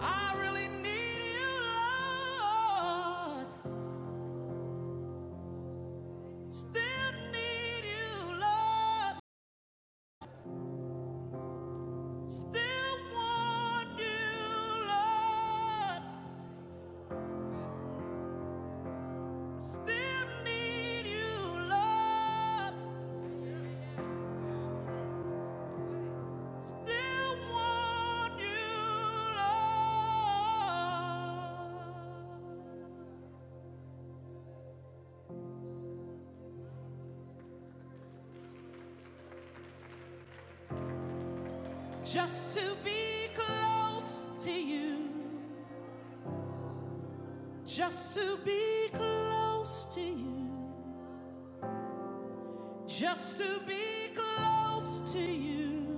I really need you, Lord. Still need you, Lord. Still want you, Lord. Still need you, Lord. Still want you, Lord. Just to be close to you. Just to be close to you. Just to be close to you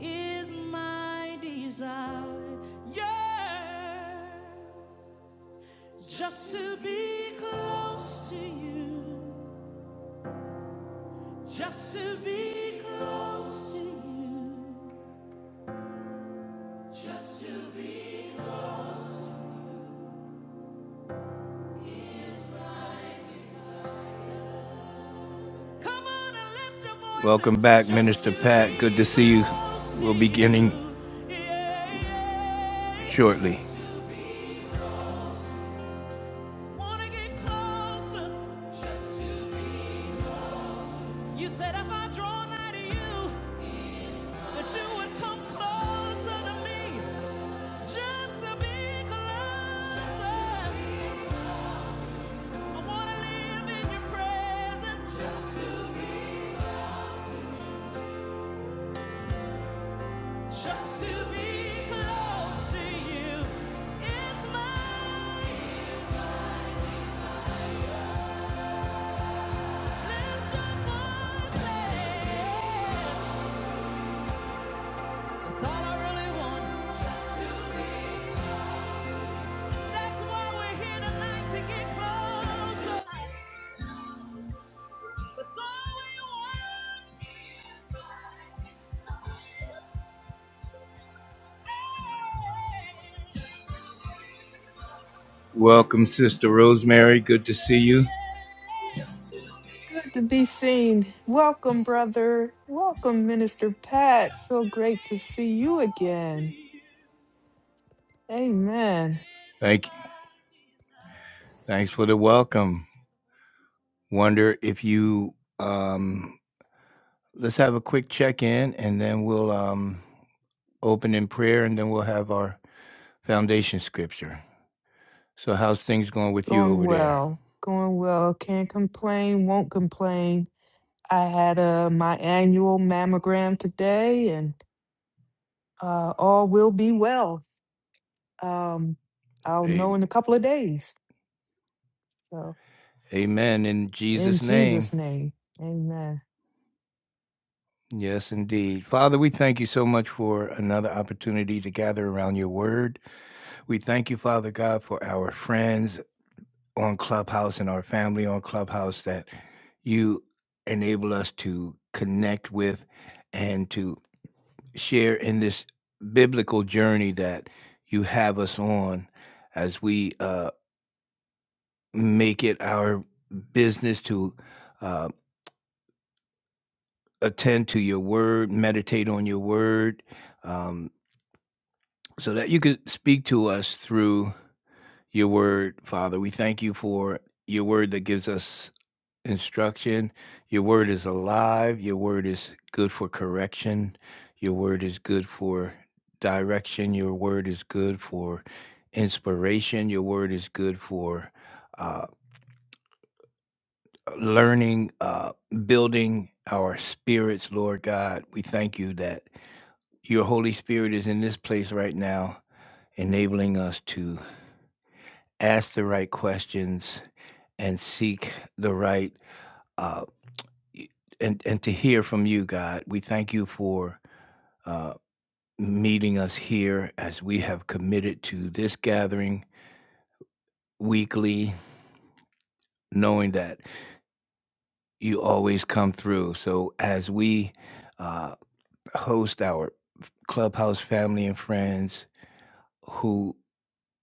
is my desire. Yeah. Just to be close to you. Just to be close to you. Just to be close. Come on and lift your voice. Welcome back, Minister Pat. Good to see you. We'll be beginning Yeah, yeah. shortly. Wanna get closer just to be. You said if I draw nigh to you, that you would come closer to me. Just to be closer. I wanna live in your presence. Just to be close. Just to be close to you. It's mine. Lift your voice. really Welcome, Sister Rosemary. Good to see you. Good to be seen. Welcome, brother. Welcome, Minister Pat. So great to see you again. Amen. Thank you. Thanks for the welcome. Wonder if you um, let's have a quick check in, and then we'll um, open in prayer, and then we'll have our foundation scripture. So, how's things going with you Going over there? well. Going well. Can't complain. Won't complain. I had uh, my annual mammogram today, and uh, all will be well. Um, I'll know A- in a couple of days. So, Amen. In in Jesus' name. Jesus' name, amen. Yes, indeed. Father, we thank you so much for another opportunity to gather around your word. We thank you, Father God, for our friends on Clubhouse and our family on Clubhouse that you enable us to connect with and to. share in this biblical journey that you have us on as we uh, make it our business to uh, attend to your word, meditate on your word, um, so that you could speak to us through your word, Father. We thank you for your word that gives us instruction. Your word is alive. Your word is good for correction. Your word is good for direction. Your word is good for inspiration. Your word is good for uh, learning, uh, building our spirits, Lord God. We thank you that your Holy Spirit is in this place right now, enabling us to ask the right questions and seek the right. uh, and and to hear from you, God. We thank you for uh, meeting us here as we have committed to this gathering weekly, knowing that you always come through. So as we uh, host our clubhouse family and friends who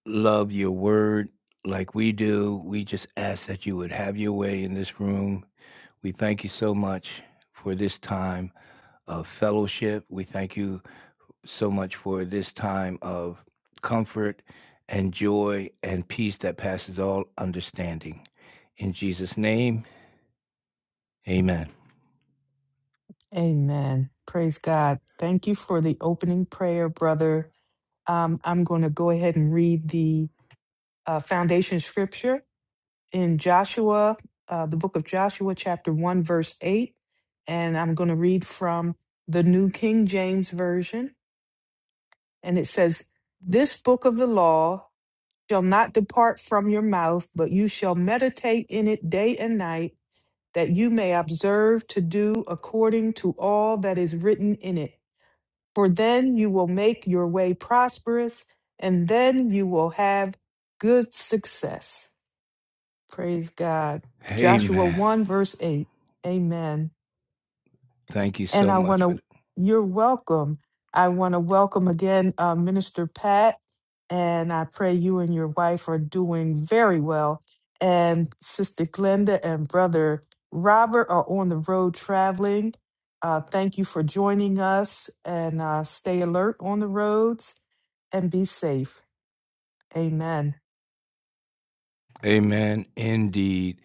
love your word like we do, we just ask that you would have your way in this room. We thank you so much for this time of fellowship. We thank you so much for this time of comfort and joy and peace that passes all understanding. In Jesus' name, amen. Amen. Praise God. Thank you for the opening prayer, brother. Um, I'm going to go ahead and read the uh, foundation scripture in Joshua, uh, the book of Joshua, chapter 1, verse 8. And I'm going to read from the New King James Version. And it says, This book of the law shall not depart from your mouth, but you shall meditate in it day and night, that you may observe to do according to all that is written in it. for then you will make your way prosperous, and then you will have good success. Praise God. Joshua Amen. 1, verse 8. Amen. Thank you And so I want much for to, that. you're welcome. I want to welcome again uh, Minister Pat, and I pray you and your wife are doing very well. And Sister Glenda and Brother Robert are on the road traveling. Uh, thank you for joining us and uh, stay alert on the roads and be safe. Amen. Amen. Indeed.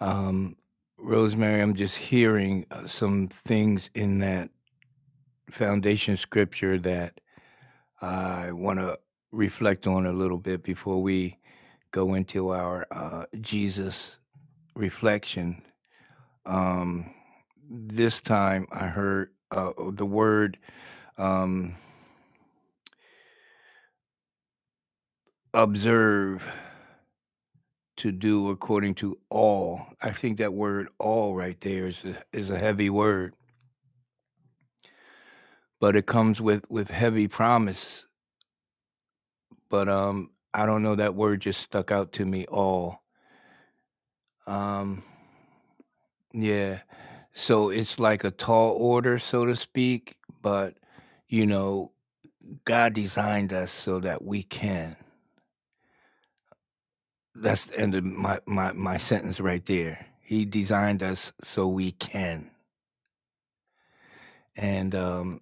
Um, Rosemary, I'm just hearing uh, some things in that foundation scripture that I want to reflect on a little bit before we go into our uh, Jesus reflection Um, this time I heard uh, oh, the word um, observe to do according to all. I think that word all right there is a, is a heavy word, but it comes with, with heavy promise. But um, I don't know, that word just stuck out to me all. Um, yeah. So it's like a tall order, so to speak, but you know, God designed us so that we can. That's the end of my, my, my sentence right there. He designed us so we can. And um,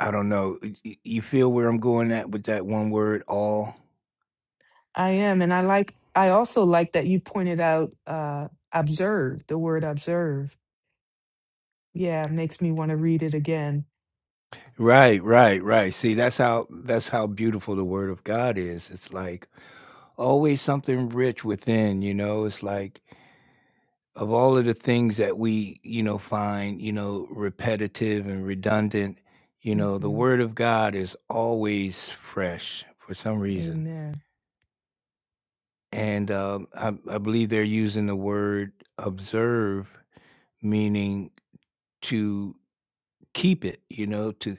I don't know. y- You feel where I'm going at with that one word, all? I am. And I like, I also like that you pointed out uh, observe, the word observe. Yeah, it makes me want to read it again. Right, right, right. See, that's how that's how beautiful the word of God is. It's like always something rich within, you know. It's like of all of the things that we, you know, find, you know, repetitive and redundant, you know, the hmm word of God is always fresh for some reason. Amen. And, um, I I believe they're using the word observe, meaning to keep it, you know, to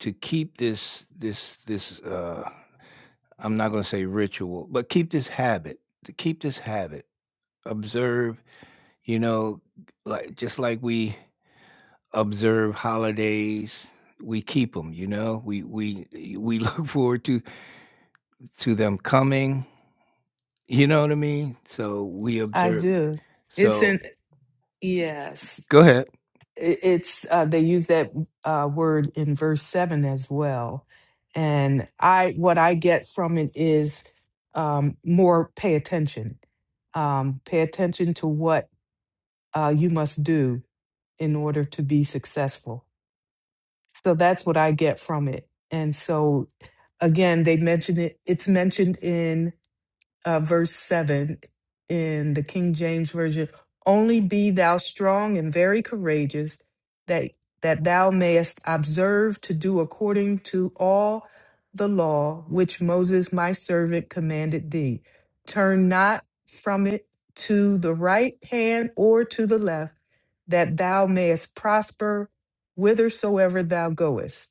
to keep this this this, uh, I'm not gonna say ritual, but keep this habit, to keep this habit. Observe, you know, like just like we observe holidays, we keep them. you know? We we we look forward to to them coming, you know what I mean? So, we I observe do. It's so in, yes. Go ahead. It- It's, uh, they use that uh, word in verse seven as well. And I, what I get from it is um, more pay attention. Um, pay attention to what uh, you must do in order to be successful. So that's what I get from it. And so again, they mentioned it, it's mentioned in uh, verse 7 in the King James Version Only be thou strong and very courageous, that, that thou mayest observe to do according to all the law which Moses my servant commanded thee. Turn not from it to the right hand or to the left, that thou mayest prosper whithersoever thou goest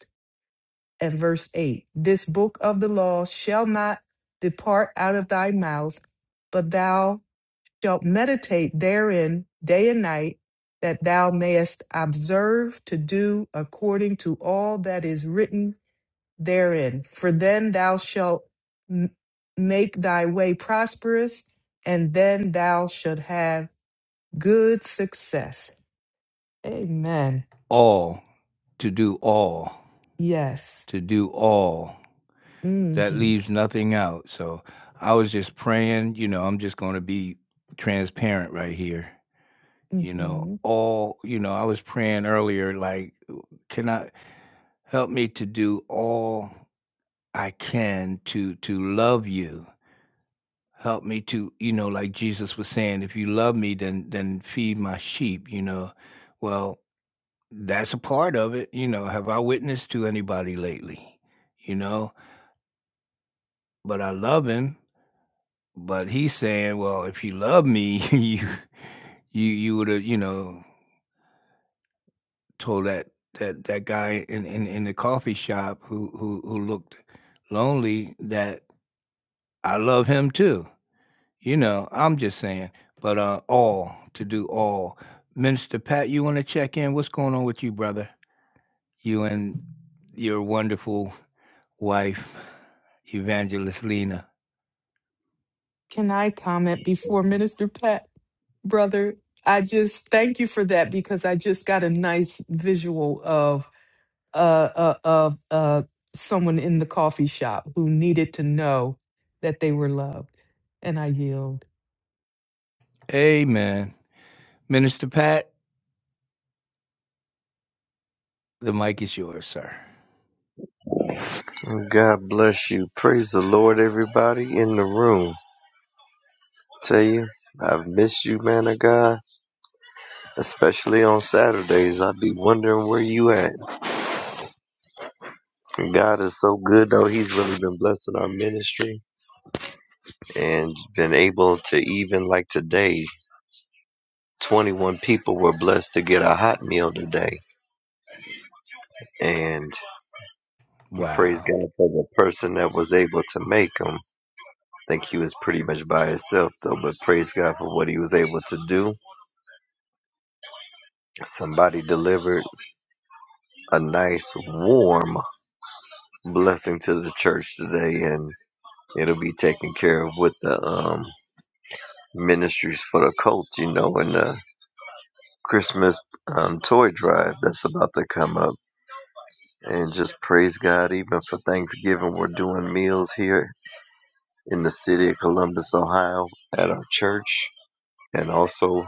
and verse 8 This book of the law shall not depart out of thy mouth, but thou shalt meditate therein day and night, that thou mayest observe to do according to all that is written therein. For then thou shalt m- make thy way prosperous, and then thou shalt have good success. Amen. all, to do all, Yes. to do all. hmm That leaves nothing out. So I was just praying, you know, I'm just going to be transparent right here. You know, hmm all, you know, I was praying earlier, like, can I help me to do all I can to to love you? Help me to, you know, like Jesus was saying, if you love me, then then feed my sheep, you know. Well, That's a part of it, you know, have I witnessed to anybody lately, you know? But I love him, but he's saying, "Well, if you love me, you you you woulda, you know, told that that that guy in in in the coffee shop who who who looked lonely that I love him too." You know, I'm just saying, but, uh, all, to do all. Minister Pat, you wanna check in? What's going on with you, brother? You and your wonderful wife, Evangelist Lena. Can I comment before Minister Pat, brother? I just thank you for that because I just got a nice visual of uh, uh, of uh, someone in the coffee shop who needed to know that they were loved, and I yield. Amen. Minister Pat, the mic is yours, sir. Well, God bless you. Praise the Lord, everybody in the room. Tell you, I've missed you, man of God. Especially on Saturdays, I'd be wondering where you at. God is so good, though. He's really been blessing our ministry and been able to even like today. 21 people were blessed to get a hot meal today, and we praise Wow. God for the person that was able to make them. I think he was pretty much by himself, though, but praise God for what he was able to do Somebody delivered a nice warm blessing to the church today, and it'll be taken care of with the um, ministries for the cult, you know, and the Christmas um, toy drive that's about to come up. And just praise God, even for Thanksgiving, we're doing meals here in the city of Columbus, Ohio, at our church, and also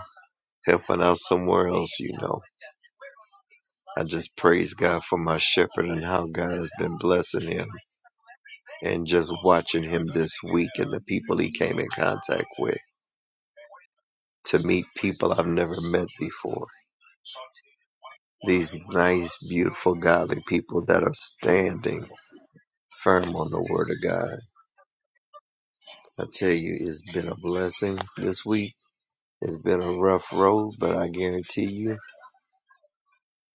helping out somewhere else, you know. I just praise God for my shepherd and how God has been blessing him. and just watching him this week and the people he came in contact with to meet people I've never met before. These nice, beautiful, godly people that are standing firm on the Word of God. I tell you, it's been a blessing this week. It's been a rough road, but I guarantee you,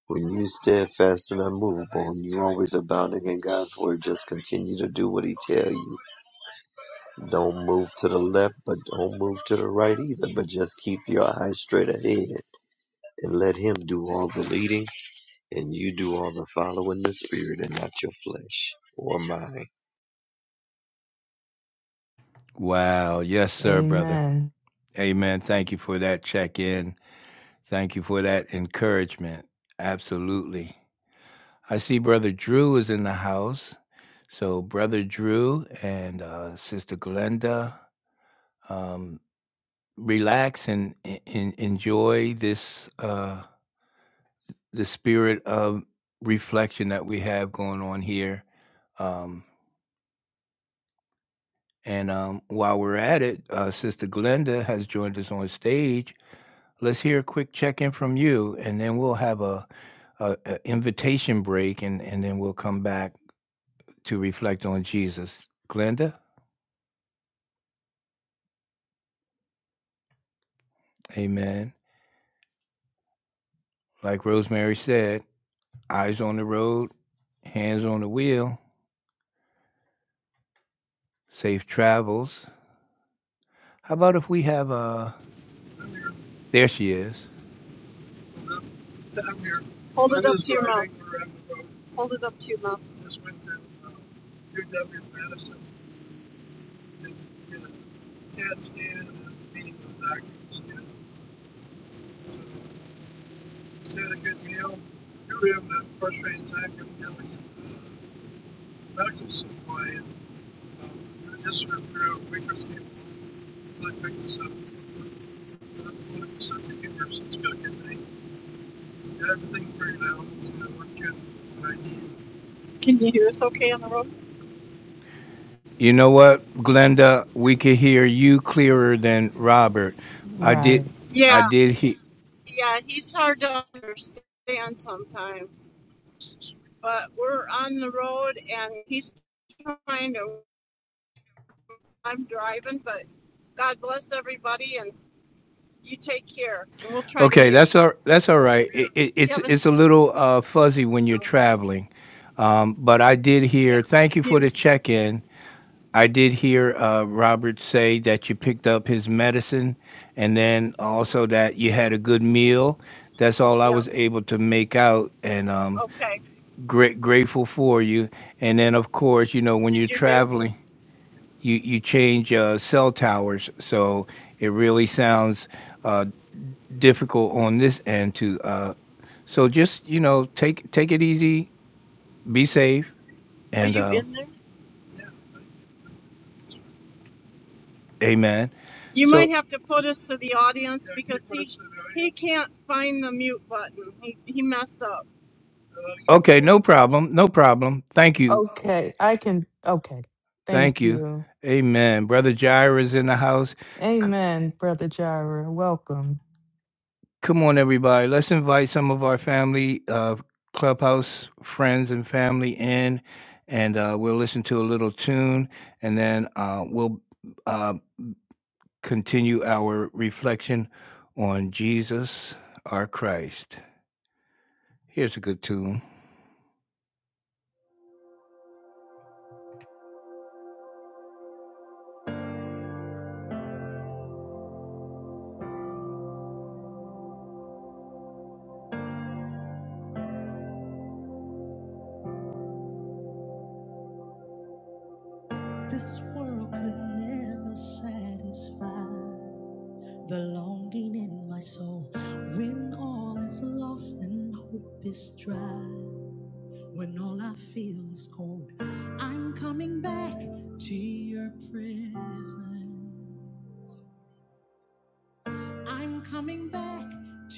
when you steadfast and unmovable, and you're always abounding in God's Word, just continue to do what He tells you. Don't move to the left, but don't move to the right either, but just keep your eyes straight ahead and let him do all the leading and you do all the following the spirit and not your flesh or mine. Wow. Yes, sir, brother. Amen. Amen. Thank you for that check in. Thank you for that encouragement. Absolutely. I see Brother Drew is in the house. So, Brother Drew and uh, Sister Glenda, um, relax and, and enjoy this. Uh, the spirit of reflection that we have going on here. Um, and um, while we're at it, uh, Sister Glenda has joined us on stage. Let's hear a quick check in from you, and then we'll have a, a, a invitation break, and, and then we'll come back to reflect on Jesus. Glenda, amen. Like Rosemary said, eyes on the road, hands on the wheel, safe travels. How about if we have a, there she is. Hold it up to your mouth. Hold it up to your mouth. Can you hear us okay on the road? You know what, Glenda? We could hear you clearer than Robert. I did. Right. I Yeah, did he yeah, he's hard to understand sometimes. But we're on the road and he's trying to, I'm driving, but God bless everybody and you take care. And we'll try to Okay, mute. that's all. That's all right. Do It, it, you it's have us? it's a little uh, fuzzy when you're traveling, um, but I did Yeah, hear. Thank you for the mute. check-in. I did hear uh, Robert say that you picked up his medicine, and then also that you had a good meal. That's all I Yep, was able to make out, and um, okay. great grateful for you. And then, of course, you know when you're Did you mute? traveling. you you change uh, cell towers, so it really sounds uh, difficult on this end to. Uh, so just you know, take take it easy, be safe, Are and you uh, in there? amen. You So might have to put us to the audience yeah, because he, audience. he can't find the mute button. He, he messed up. okay, no problem, no problem. Thank you, Okay. I can. Okay. thank Thank you, you. amen. Brother Jair is in the house. Amen, brother Jira. Welcome. Come on, everybody. Let's invite some of our family, uh, clubhouse friends, and family in, and uh, we'll listen to a little tune, and then uh, we'll uh, continue our reflection on Jesus, our Christ. Here's a good tune. This world could never satisfy the longing in my soul when all is lost and hope is dry. When all I feel is cold, I'm coming back to your presence. I'm coming back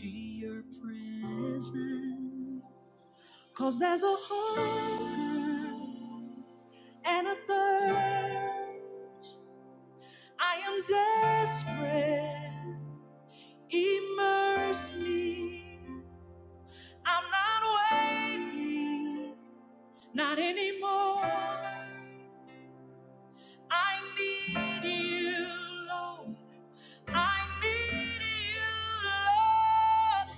to your presence. 'Cause there's a hunger and a thirst. I am desperate. Immerse me. I'm not waiting, not anymore. I need you, Lord. I need you, Lord.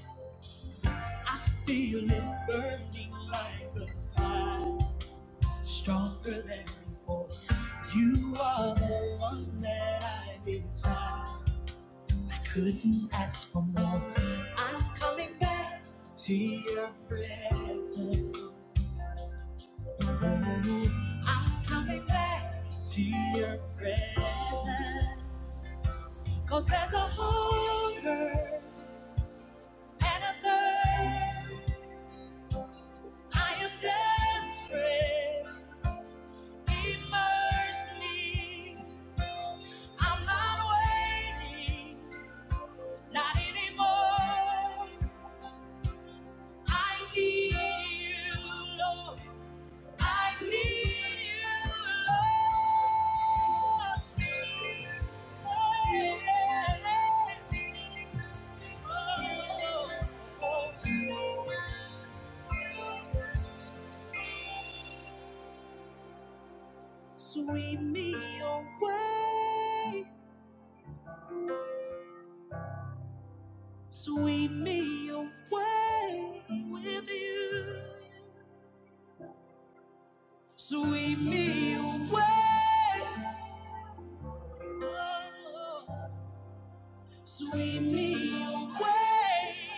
Feel it burning like a fire, stronger than before. You are the one that I desire. I couldn't ask for more. I'm coming back to your presence. I'm coming back to your presence. Cause there's a hunger and a thirst. I am desperate Immerse me. I'm not waiting, not anymore. I need you, Lord. I need you, Lord. Oh, yeah. Sweep me away Sweep me away with you. Sweep me away. Oh, sweep me away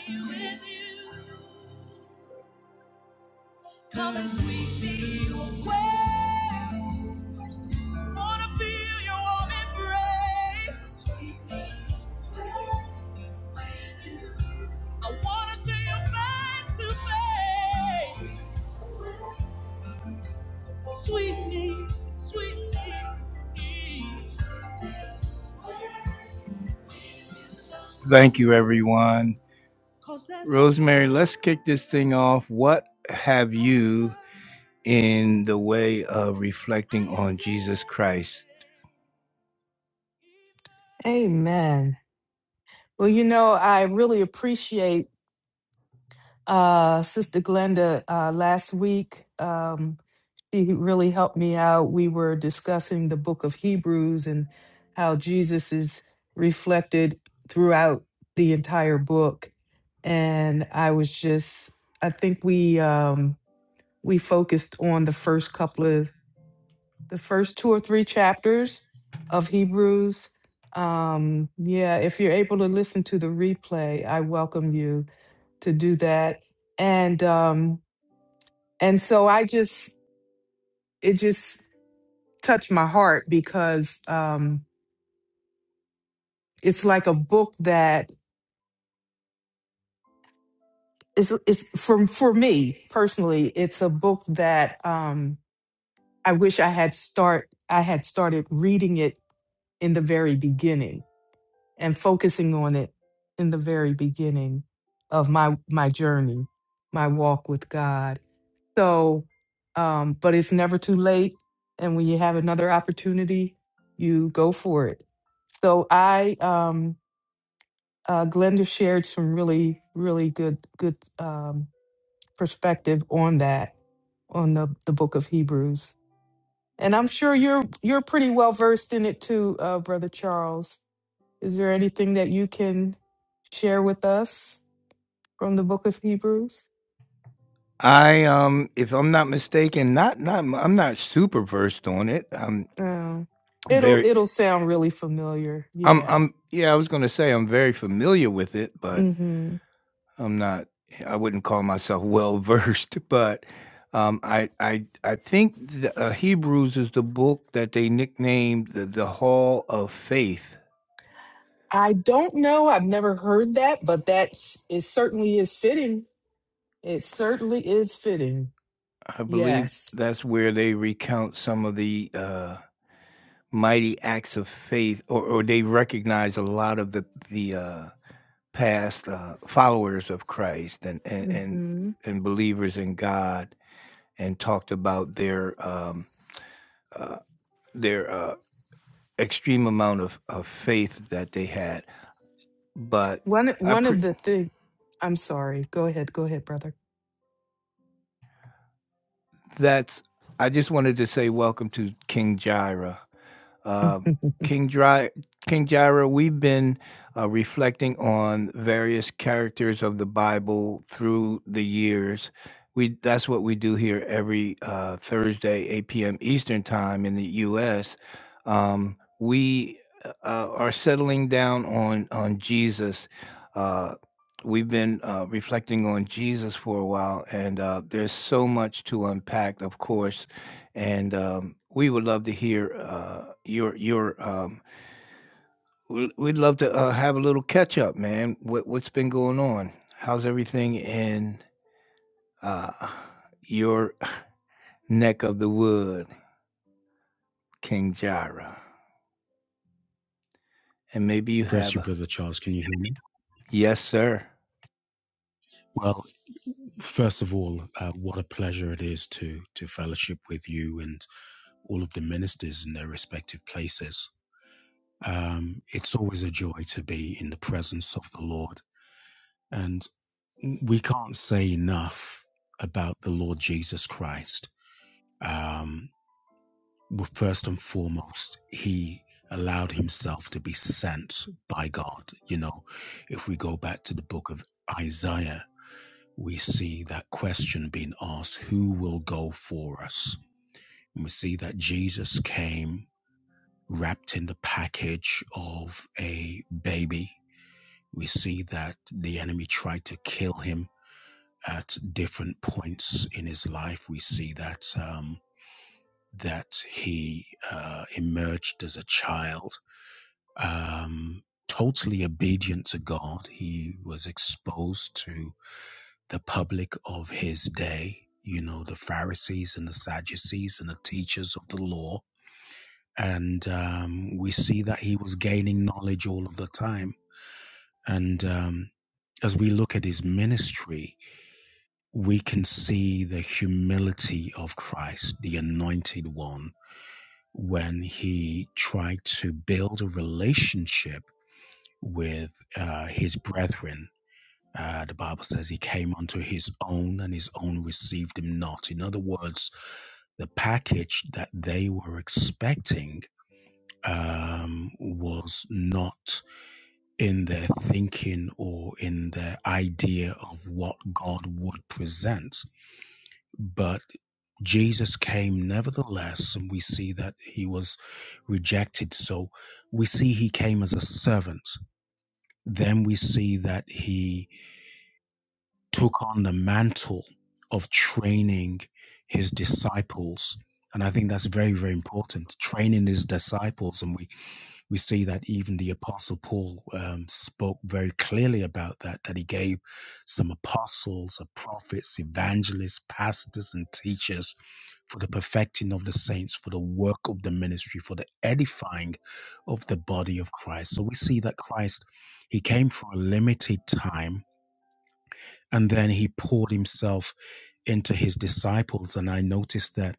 with you. Come and sweep me away. Wanna feel your warm embrace. Sweep me away with you. I wanna see your face to face. Sweet name, sweet name, Thank you, everyone. Rosemary, let's kick this thing off. What have you in the way of reflecting on Jesus Christ? Amen. Well, you know, I really appreciate uh, Sister Glenda uh, last week. Um, she really helped me out. We were discussing the book of Hebrews and how Jesus is reflected throughout the entire book. And I was just, I think we um, we focused on the first couple of the first two or three chapters of Hebrews. Um, yeah, if you're able to listen to the replay, I welcome you to do that and um and so i just it just touched my heart because um it's like a book that it's it's from for me personally it's a book that um i wish i had start i had started reading it in the very beginning and focusing on it in the very beginning of my my journey my walk with god So, um, but it's never too late. And when you have another opportunity, you go for it. So I, um, uh, Glenda shared some really, really good, good um, perspective on that, on the, the book of Hebrews. And I'm sure you're you're pretty well versed in it too, uh, Brother Charles. Is there anything that you can share with us from the book of Hebrews? I um if I'm not mistaken, not not I'm not super versed on it. I'm Um, it'll very it'll sound really familiar. I'm Yeah. I'm yeah, I was going to say I'm very familiar with it, but Mm-hmm. I'm not I wouldn't call myself well versed, but um, I I I think the, uh, Hebrews is the book that they nicknamed the, the Hall of Faith. I don't know. I've never heard that, but that s- it certainly is fitting. It certainly is fitting. I believe Yes. that's where they recount some of the uh, mighty acts of faith, or, or they recognize a lot of the the uh, past uh, followers of Christ and and and, hmm and believers in God, and talked about their um, uh, their uh, extreme amount of, of faith that they had. But One I one of pre- the thing. I'm sorry. Go ahead. Go ahead, brother. that's I just wanted to say welcome to King Jaira. Uh, King Dry, King Jairo, we've been uh, reflecting on various characters of the Bible through the years. We that's what we do here every uh, Thursday, 8 p.m. Eastern Time in the U.S. Um, we uh, uh, are settling down on on Jesus. Uh, we've been uh, reflecting on Jesus for a while, and uh, there's so much to unpack. Of course, and um, we would love to hear uh, your your. Um, we- would love to uh, have a little catch up, man. What what's been going on? How's everything in uh, your neck of the wood, King Jira? And maybe you Bless have you, a Brother Charles. Can you hear me? yes, sir. Well, first of all, uh, what a pleasure it is to to fellowship with you and all of the ministers in their respective places. Um, it's always a joy to be in the presence of the Lord, and we can't say enough about the Lord Jesus Christ. Um, well, first and foremost, He allowed Himself to be sent by God. You know, if we go back to the book of Isaiah we see that question being asked who will go for us? And we see that Jesus came wrapped in the package of a baby. We see that the enemy tried to kill him at different points in his life. We see that um, that he uh, emerged as a child, um, totally obedient to God. He was exposed to the public of his day, you know, the Pharisees and the Sadducees and the teachers of the law. And um, we see that he was gaining knowledge all of the time. And um, as we look at his ministry, we can see the humility of Christ, the anointed one, when he tried to build a relationship with uh, his brethren Uh, the Bible says he came unto his own and his own received him not. In other words, the package that they were expecting um, was not in their thinking or in their idea of what God would present. But Jesus came nevertheless, and we see that he was rejected. So we see he came as a servant. Then we see that he took on the mantle of training his disciples. And I think that's very, very important. Training his disciples. And we, we see that even the apostle Paul um, spoke very clearly about that, that he gave some apostles, uh, prophets, evangelists, pastors, and teachers for the perfecting of the saints, for the work of the ministry, for the edifying of the body of Christ. So we see that Christ, he came for a limited time and then he poured himself into his disciples. And I noticed that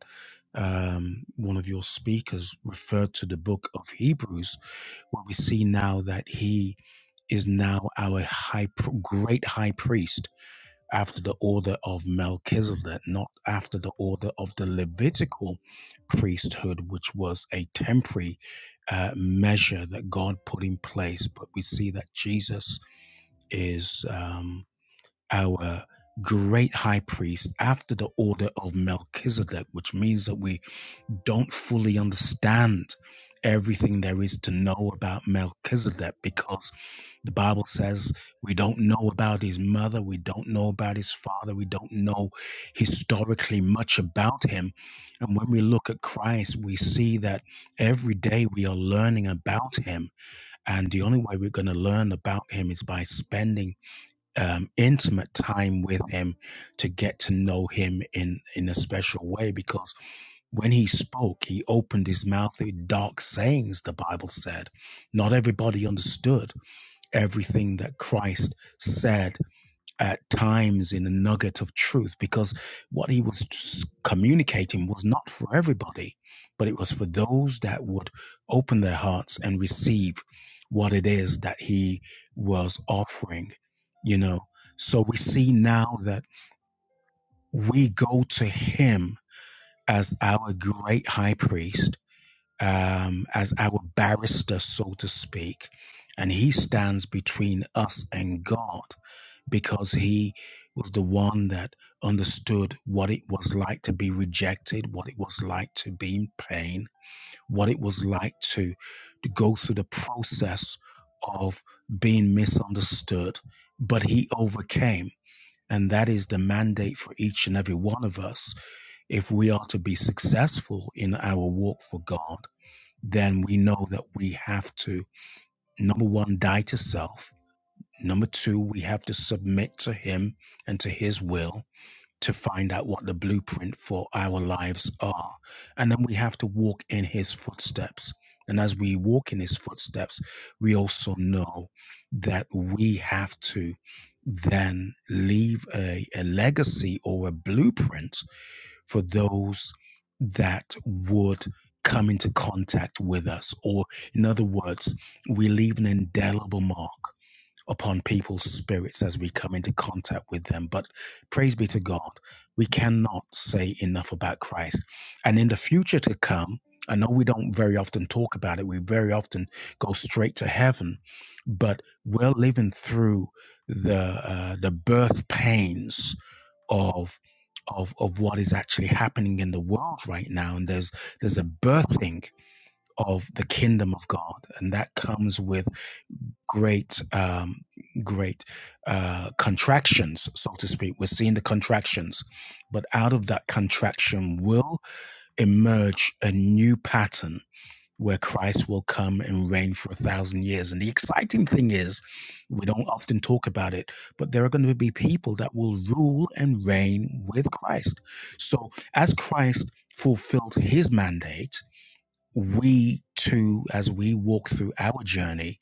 um, one of your speakers referred to the book of Hebrews, where we see now that he is now our high, great high priest after the order of Melchizedek, not after the order of the Levitical priesthood, which was a temporary uh, measure that God put in place. But we see that Jesus is. um, our great high priest after the order of Melchizedek, which means that we don't fully understand everything there is to know about Melchizedek because the Bible says we don't know about his mother, we don't know about his father, we don't know historically much about him. And when we look at Christ, we see that every day we are learning about him. And the only way we're going to learn about him is by spending um, intimate time with him to get to know him in in a special way because when he spoke he opened his mouth with dark sayings the bible said not everybody understood everything that christ said at times in a nugget of truth because what he was communicating was not for everybody, but it was for those that would open their hearts and receive what it is that he was offering, you know. So we see now that we go to him as our great high priest, um, as our barrister, so to speak, and he stands between us and God because he was the one that understood what it was like to be rejected, what it was like to be in pain, what it was like to, to go through the process of being misunderstood. But he overcame. And that is the mandate for each and every one of us. If we are to be successful in our walk for God, then we know that we have to, number one, die to self Number two, we have to submit to Him and to His will to find out what the blueprint for our lives are. And then we have to walk in His footsteps. And as we walk in His footsteps, we also know that we have to then leave a, a legacy or a blueprint for those that would come into contact with us. Or, in other words, we leave an indelible mark upon people's spirits as we come into contact with them. But praise be to God, we cannot say enough about Christ. And in the future to come, I know we don't very often talk about it, we very often go straight to heaven, but we're living through the uh, the birth pains of of of what is actually happening in the world right now and there's there's a birthing of the kingdom of God and that comes with great um, great uh, contractions, so to speak. We're seeing the contractions, but out of that contraction will emerge a new pattern where Christ will come and reign for a thousand years. And the exciting thing is, we don't often talk about it, but there are going to be people that will rule and reign with Christ. So as Christ fulfilled his mandate, we too, as we walk through our journey,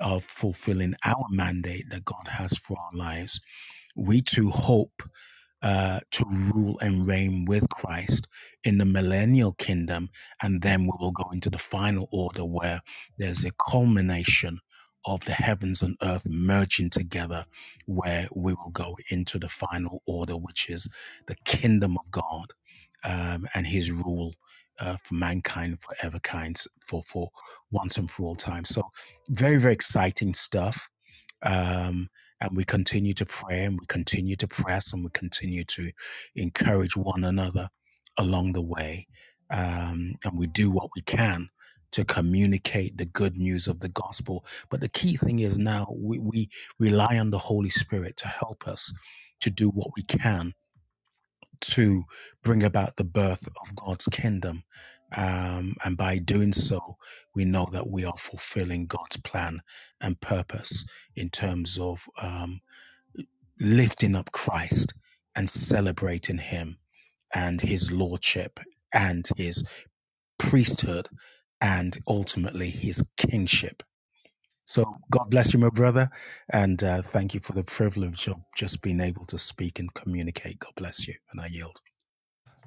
of fulfilling our mandate that God has for our lives. We too hope uh, to rule and reign with Christ in the millennial kingdom. And then we will go into the final order where there's a culmination of the heavens and earth merging together, where we will go into the final order, which is the kingdom of God um, and his rule. Uh, for mankind, for ever kinds, for for once and for all time. So, very very exciting stuff um, and we continue to pray and we continue to press and we continue to encourage one another along the way um, and we do what we can to communicate the good news of the gospel but the key thing is now we, we rely on the holy spirit to help us to do what we can to bring about the birth of God's kingdom. Um, and by doing so, we know that we are fulfilling God's plan and purpose in terms of um, lifting up Christ and celebrating Him and His lordship and His priesthood and ultimately His kingship. So, God bless you, my brother, and uh, thank you for the privilege of just being able to speak and communicate. God bless you, and I yield.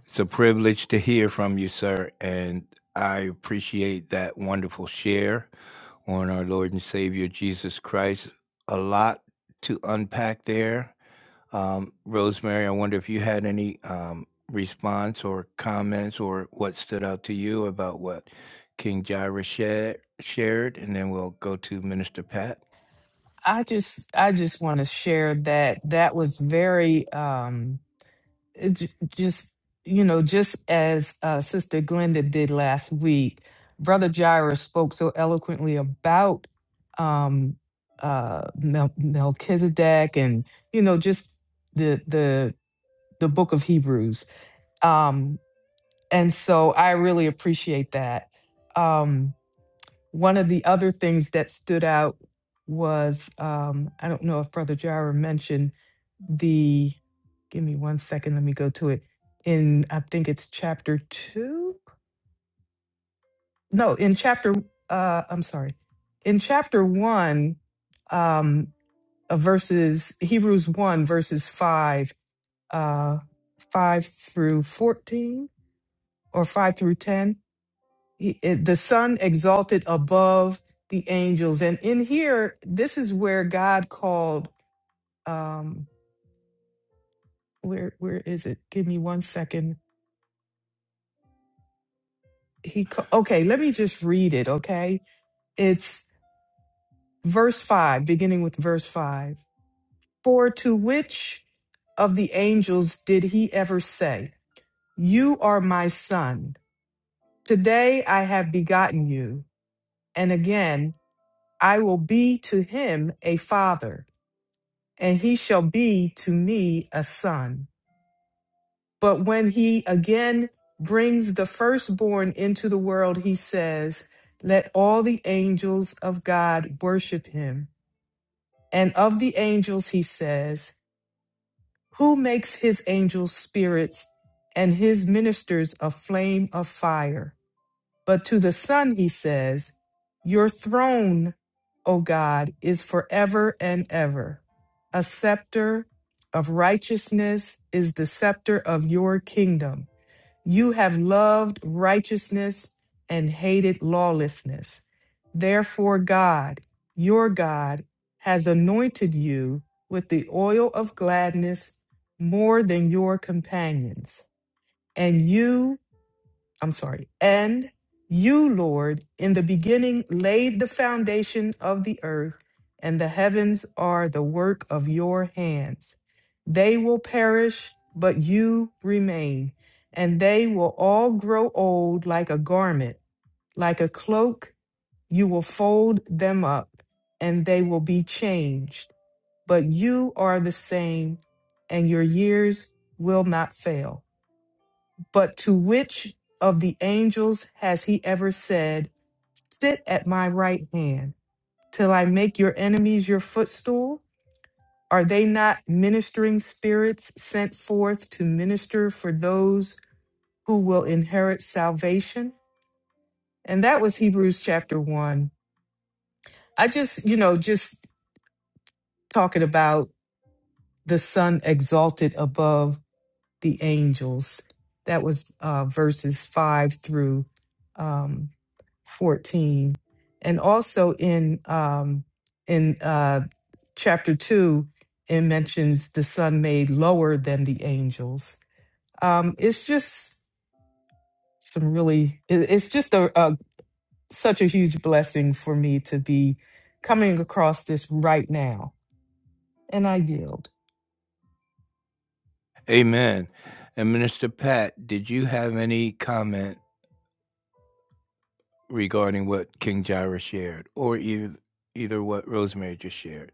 It's a privilege to hear from you, sir, and I appreciate that wonderful share on our Lord and Savior Jesus Christ. A lot to unpack there. Um, Rosemary, I wonder if you had any um, response or comments or what stood out to you about what King Jairus shared, shared, and then we'll go to Minister Pat. I just I just want to share that that was very um It's j- just you know just as uh, sister glenda did last week brother jairus spoke so eloquently about um uh Mel- melchizedek and you know just the the the book of hebrews um and so i really appreciate that Um, one of the other things that stood out was, um, I don't know if Brother Jira mentioned the, give me one second, let me go to it. In, I think it's chapter two? No, in chapter, uh, I'm sorry. In chapter one, um, uh, verses, Hebrews 1, verses 5, uh, 5 through 14 or 5 through 10 He- eh, the Son exalted above the angels. And in here, this is where God called. Um, where where is it? Give me one second. He ca- okay. Let me just read it. Okay, it's verse five, beginning with verse five. For to which of the angels did he ever say, "You are my son. Today I have begotten you," and again I will be to him a father and he shall be to me a son. But when he again brings the firstborn into the world, he says, Let all the angels of God worship him. And of the angels, he says, Who makes his angels spirits and his ministers a flame of fire? But to the Son, he says, Your throne, O God, is forever and ever. A scepter of righteousness is the scepter of your kingdom. You have loved righteousness and hated lawlessness. Therefore, God, your God, has anointed you with the oil of gladness more than your companions. And you I'm sorry. And you, Lord, in the beginning laid the foundation of the earth, and the heavens are the work of your hands. They will perish, but you remain, and they will all grow old like a garment, like a cloak. You will fold them up, and they will be changed. But you are the same, and your years will not fail. But to which of the angels has he ever said, Sit at my right hand till I make your enemies your footstool? Are they not ministering spirits sent forth to minister for those who will inherit salvation? And that was Hebrews chapter one. I just, you know, just talking about the Son exalted above the angels. That was uh, verses five through um, 14 and also in um in uh chapter 2 it mentions the son made lower than the angels um it's just some really it- it's just a, a such a huge blessing for me to be coming across this right now and i yield Amen. And Minister Pat, did you have any comment regarding what King Jairus shared, or either either what Rosemary just shared.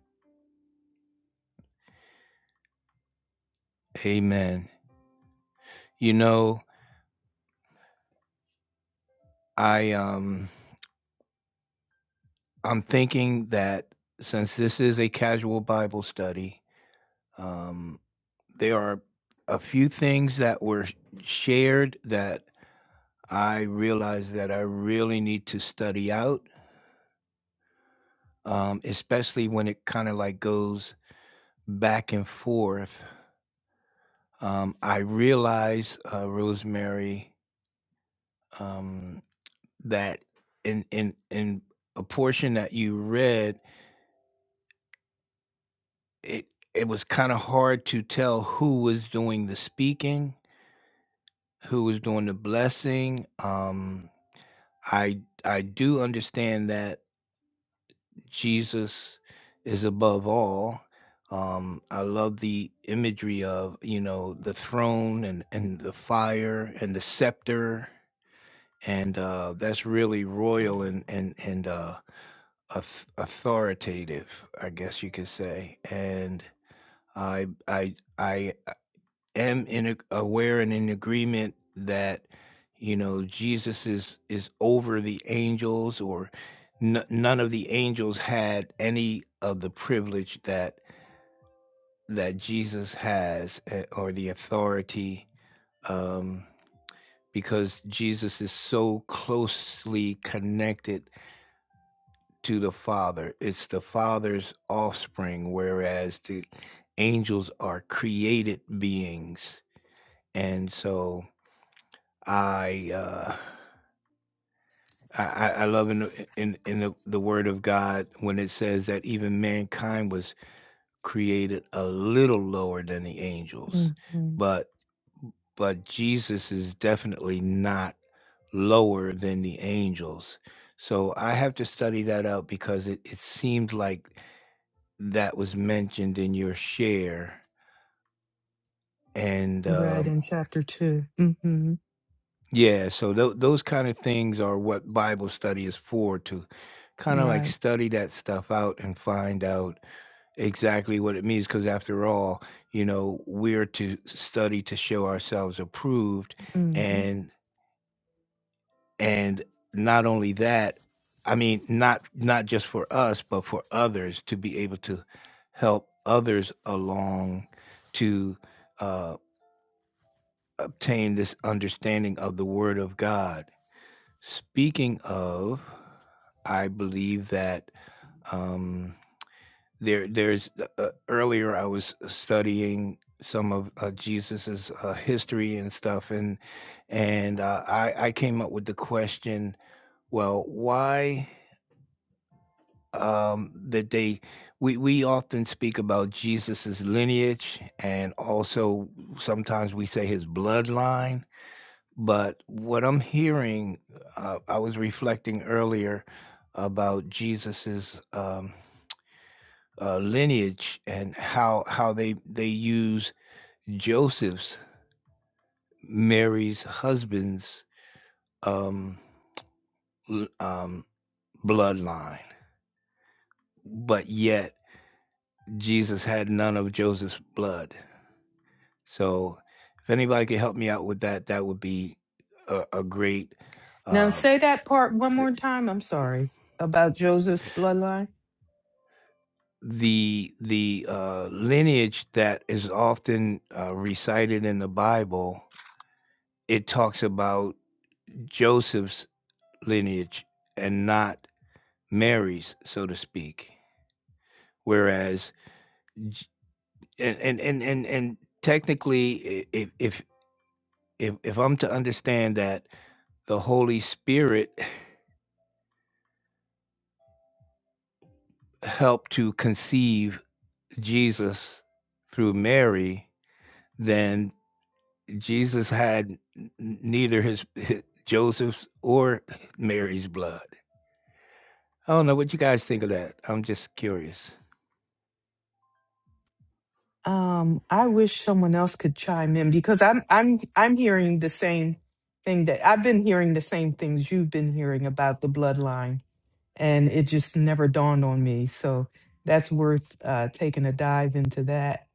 Amen. You know, I um I'm thinking that since this is a casual Bible study, um, there are a few things that were shared that I realized that I really need to study out, um, especially when it kind of like goes back and forth. Um, I realize, uh, Rosemary, um, that in in in a portion that you read, it it was kind of hard to tell who was doing the speaking, who was doing the blessing. Um, I I do understand that Jesus is above all. Um, I love the imagery of you know the throne and and the fire and the scepter, and uh, that's really royal and and and. Uh, auth- authoritative, I guess you could say, and I I I uh, am in a, aware and in agreement that you know Jesus is is over the angels, or n- none of the angels had any of the privilege that that Jesus has eh, or the authority. Um, because Jesus is so closely connected to the Father. It's the Father's offspring, whereas the angels are created beings. And so I uh, I, I love in the, in in the, the Word of God when it says that even mankind was created a little lower than the angels, hmm but but Jesus is definitely not lower than the angels. So I have to study that out because it, it seems like that was mentioned in your share and right um, in chapter 2 hmm yeah so tho- those kind of things are what bible study is for to kind of like right study that stuff out and find out exactly what it means because after all you know we're to study to show ourselves approved hmm and and not only that i mean not not just for us but for others to be able to help others along to uh, obtain this understanding of the Word of God. Speaking of, I believe that um, there, there's uh, uh, earlier I was studying some of uh, Jesus's uh, history and stuff, and and uh, I, I came up with the question: Well, why um, that they we we often speak about Jesus's lineage, and also sometimes we say his bloodline But what I'm hearing, uh, I was reflecting earlier about Jesus's um, uh, lineage and how how they they use Joseph's Mary's husband's um, l- um, bloodline, but yet Jesus had none of Joseph's blood. So, if anybody could help me out with that, that would be a, a great. now Uh, say that part th- one more time i'm sorry about joseph's bloodline the the, uh, lineage that is often, uh, recited in the Bible, it talks about Joseph's lineage and not Mary's, so to speak. Whereas J and and and and and technically, i if if if if I'm to understand that the Holy Spirit helped to conceive Jesus through Mary, then. Jesus had n- neither his, his Joseph's or Mary's blood. I don't know what you guys think of that. I'm just curious. Um, I wish someone else could chime in because I'm I'm I'm hearing the same thing that I've been hearing the same things you've been hearing about the bloodline, and it just never dawned on me. So that's worth uh, taking a dive into that.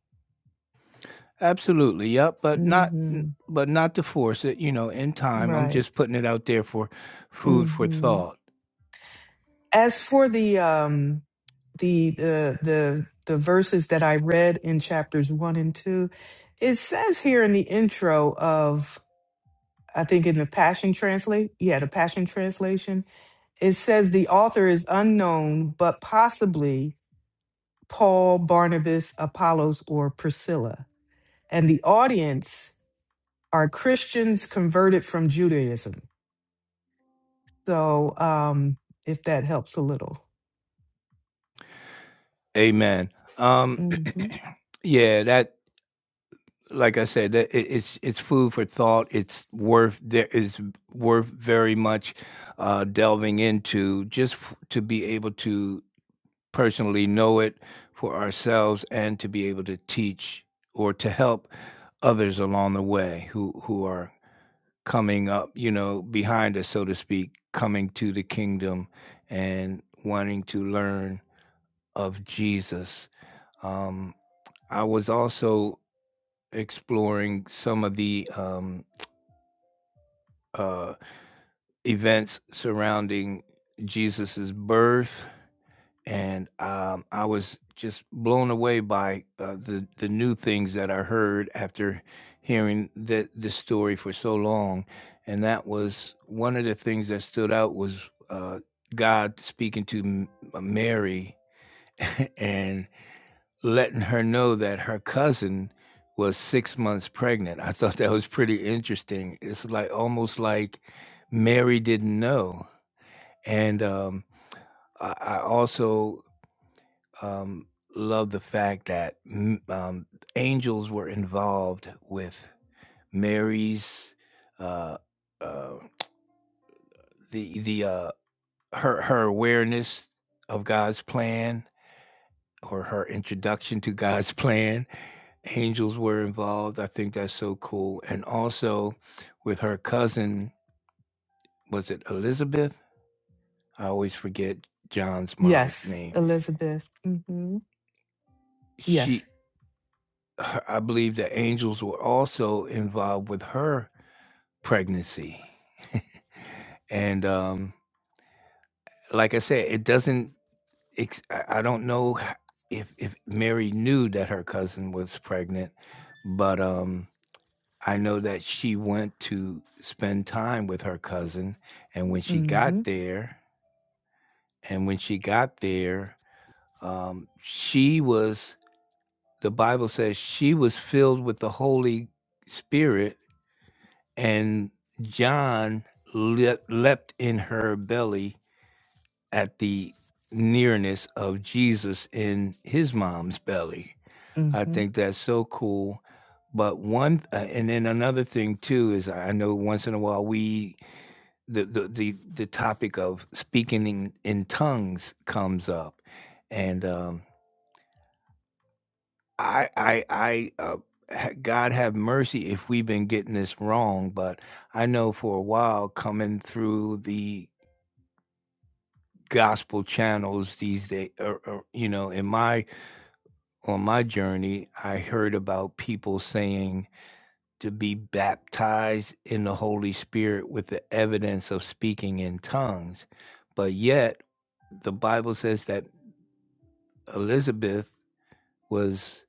Absolutely, yep, but not hmm but not to force it, you know, in time. I'm Right. just putting it out there for food for hmm thought. As for the um the the the the verses that I read in chapters one and two, it says here in the intro of I think in the Passion Translate, yeah, the Passion Translation, it says the author is unknown, but possibly Paul, Barnabas, Apollos, or Priscilla. And the audience are Christians converted from Judaism. So, um, if that helps a little. Amen. Um hmm yeah, that like I said, that it, it's it's food for thought. It's worth there is worth very much uh delving into just f- to be able to personally know it for ourselves and to be able to teach or to help others along the way who who are coming up, you know, behind us so to speak, coming to the kingdom and wanting to learn of Jesus. Um I was also exploring some of the um uh events surrounding Jesus's birth and um, I was just blown away by uh, the the new things that I heard after hearing the this story for so long, and that was one of the things that stood out was uh, God speaking to M- uh, Mary and letting her know that her cousin was six months pregnant. I thought that was pretty interesting. It's like almost like Mary didn't know, and um, I, I also um, love the fact that mm, um, angels were involved with Mary's uh, uh, the the uh, her her awareness of God's plan or her introduction to God's plan. Angels were involved. I think that's so cool. And also with her cousin, was it Elizabeth? I always forget John's mom's Yes, name. Elizabeth. hmm She, Yes. her, I believe the angels were also involved with her pregnancy. and um, like I said, it doesn't. Ex- I I don't know h- if if Mary knew that her cousin was pregnant, but um, I know that she went to spend time with her cousin, and when she hmm got there, and when she got there, um, she was. The Bible says she was filled with the Holy Spirit, and John le- leapt in her belly at the nearness of Jesus in his mom's belly. hmm I think that's so cool. But one uh, and then another thing too is I know once in a while we the the the, the topic of speaking in, in tongues comes up, and um, I I I uh, ha- God have mercy if we've been getting this wrong. But I know for a while coming through the gospel channels these days, or, or you know, in my on my journey, I heard about people saying to be baptized in the Holy Spirit with the evidence of speaking in tongues. But yet, the Bible says that Elizabeth was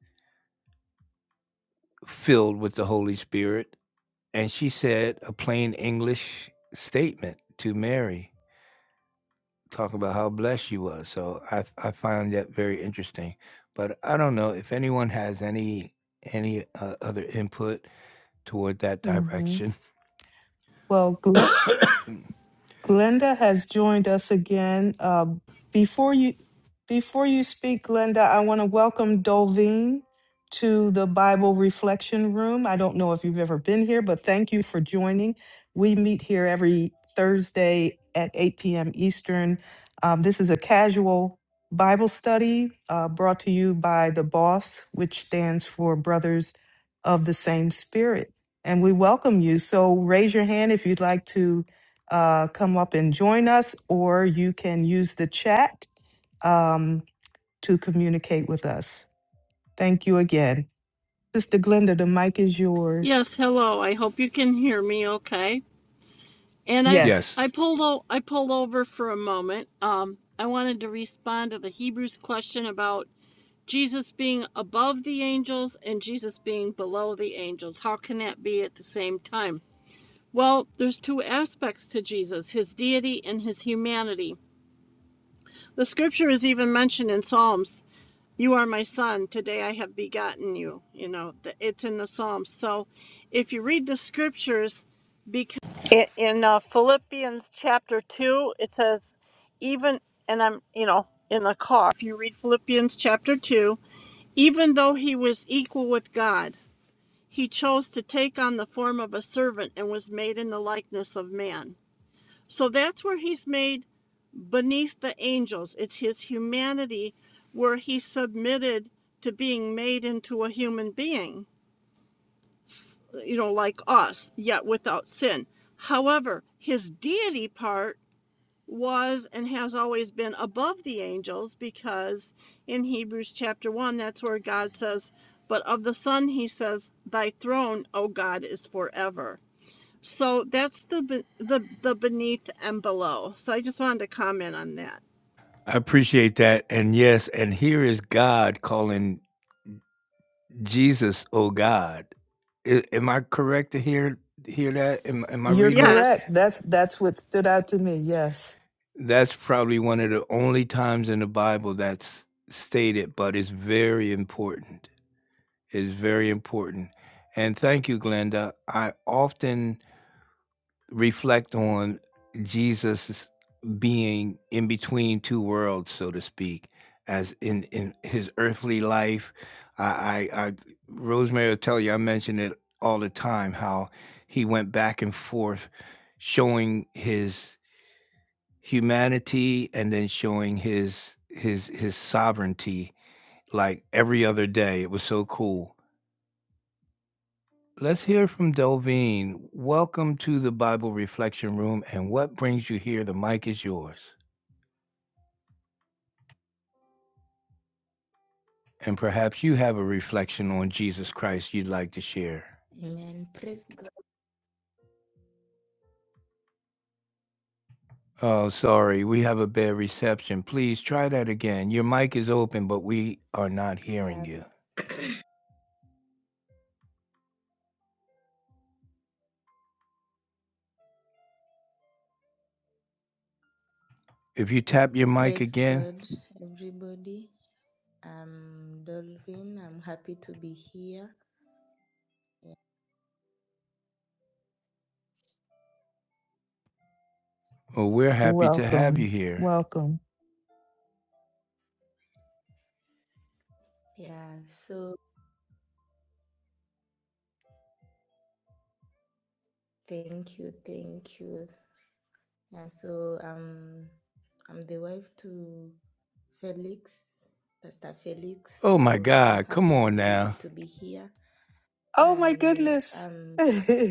filled with the Holy Spirit, and she said a plain English statement to Mary, talking about how blessed she was. So I, I find that very interesting. But I don't know if anyone has any any uh, other input toward that hmm direction. Well, Glenn. Glenda has joined us again. Uh, before you before you speak, Glenda, I want to welcome Dolveen to the Bible Reflection Room. I don't know if you've ever been here, but thank you for joining. We meet here every Thursday at 8 p.m. Eastern. Um, this is a casual Bible study uh, brought to you by the BOSS, which stands for Brothers of the Same Spirit. And we welcome you. So raise your hand if you'd like to uh, come up and join us, or you can use the chat um, to communicate with us. Thank you again. Sister Glenda, the mic is yours. Yes, hello. I hope you can hear me okay. And I Yes, yes, I pulled o- I pulled over for a moment. Um I wanted to respond to the Hebrews question about Jesus being above the angels and Jesus being below the angels. How can that be at the same time? Well, there's two aspects to Jesus, his deity and his humanity. The scripture is even mentioned in Psalms You are my son. Today I have begotten you. You know, it's in the Psalms. So if you read the scriptures, because in, in uh, Philippians chapter 2, it says, even, and I'm, you know, in the car, if you read Philippians chapter 2, even though he was equal with God, he chose to take on the form of a servant and was made in the likeness of man. So that's where he's made beneath the angels. It's his humanity where he submitted to being made into a human being, you know, like us, yet without sin. However, his deity part was and has always been above the angels because in Hebrews chapter 1, that's where God says, But of the Son, he says, Thy throne, O God, is forever. So that's the the the beneath and below. So I just wanted to comment on that. I appreciate that. And yes, and here is God calling Jesus, oh God. I- am I correct to hear hear that? Am, am I you're reading that? Yes. correct. That's that's what stood out to me. Yes. That's probably one of the only times in the Bible that's stated, but it's very important. It's very important. And thank you, Glenda. I often reflect on Jesus being in between two worlds, so to speak, as in, in his earthly life. I, I, I Rosemary will tell you, I mention it all the time how he went back and forth showing his humanity and then showing his his his sovereignty like every other day. It was so cool. Let's hear from Delveen. Welcome to the Bible Reflection Room and what brings you here? The mic is yours. And perhaps you have a reflection on Jesus Christ you'd like to share. Amen. Praise God. Oh, sorry, we have a bad reception. Please try that again. Your mic is open, but we are not hearing Yeah, you. If you tap your mic praise again, God, everybody. Um, Dolphin, I'm happy to be here. well, we're happy to have you Welcome. here. Welcome. Yeah, so thank you, thank you. Yeah, so um, I'm the wife to Felix, Pastor Felix. Oh my So I'm God, come happy to on he now. to be here, Oh my and uh, goodness. um,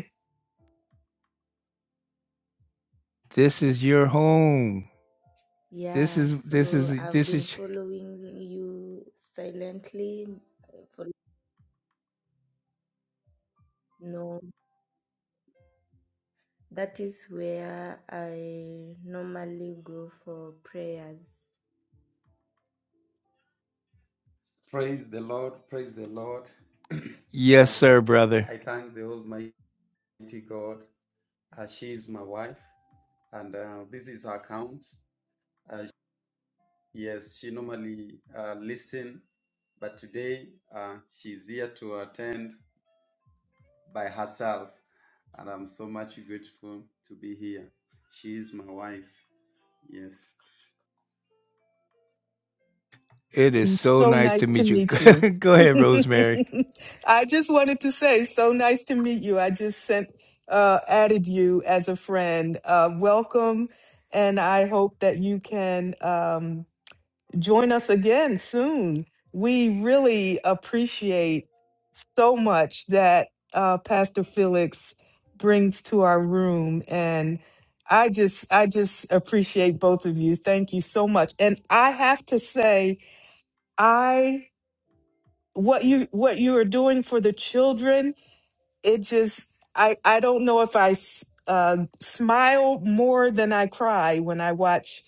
This is your home. This yeah. is this So is I've this been is following you silently for no. That is where I normally go for prayers. Praise the Lord, praise the Lord. Yes, uh, sir, brother. I thank the Almighty God. Uh, she is my wife, and uh, this is her account. Uh, yes, she normally uh, listen, but today uh, she's here to attend by herself, and I'm so much grateful to be here. She is my wife. Yes. It is so So nice to nice to meet you. meet you. Go ahead, Rosemary. I just wanted to say, so nice to meet you. I just sent, uh, added you as a friend. Uh, welcome, and I hope that you can um, join us again soon. We really appreciate so much that uh, Pastor Felix brings to our room, and I just, I just appreciate both of you. Thank you so much. And I have to say, I what you what you are doing for the children it just i i don't know if i s- uh smile more than i cry when i watch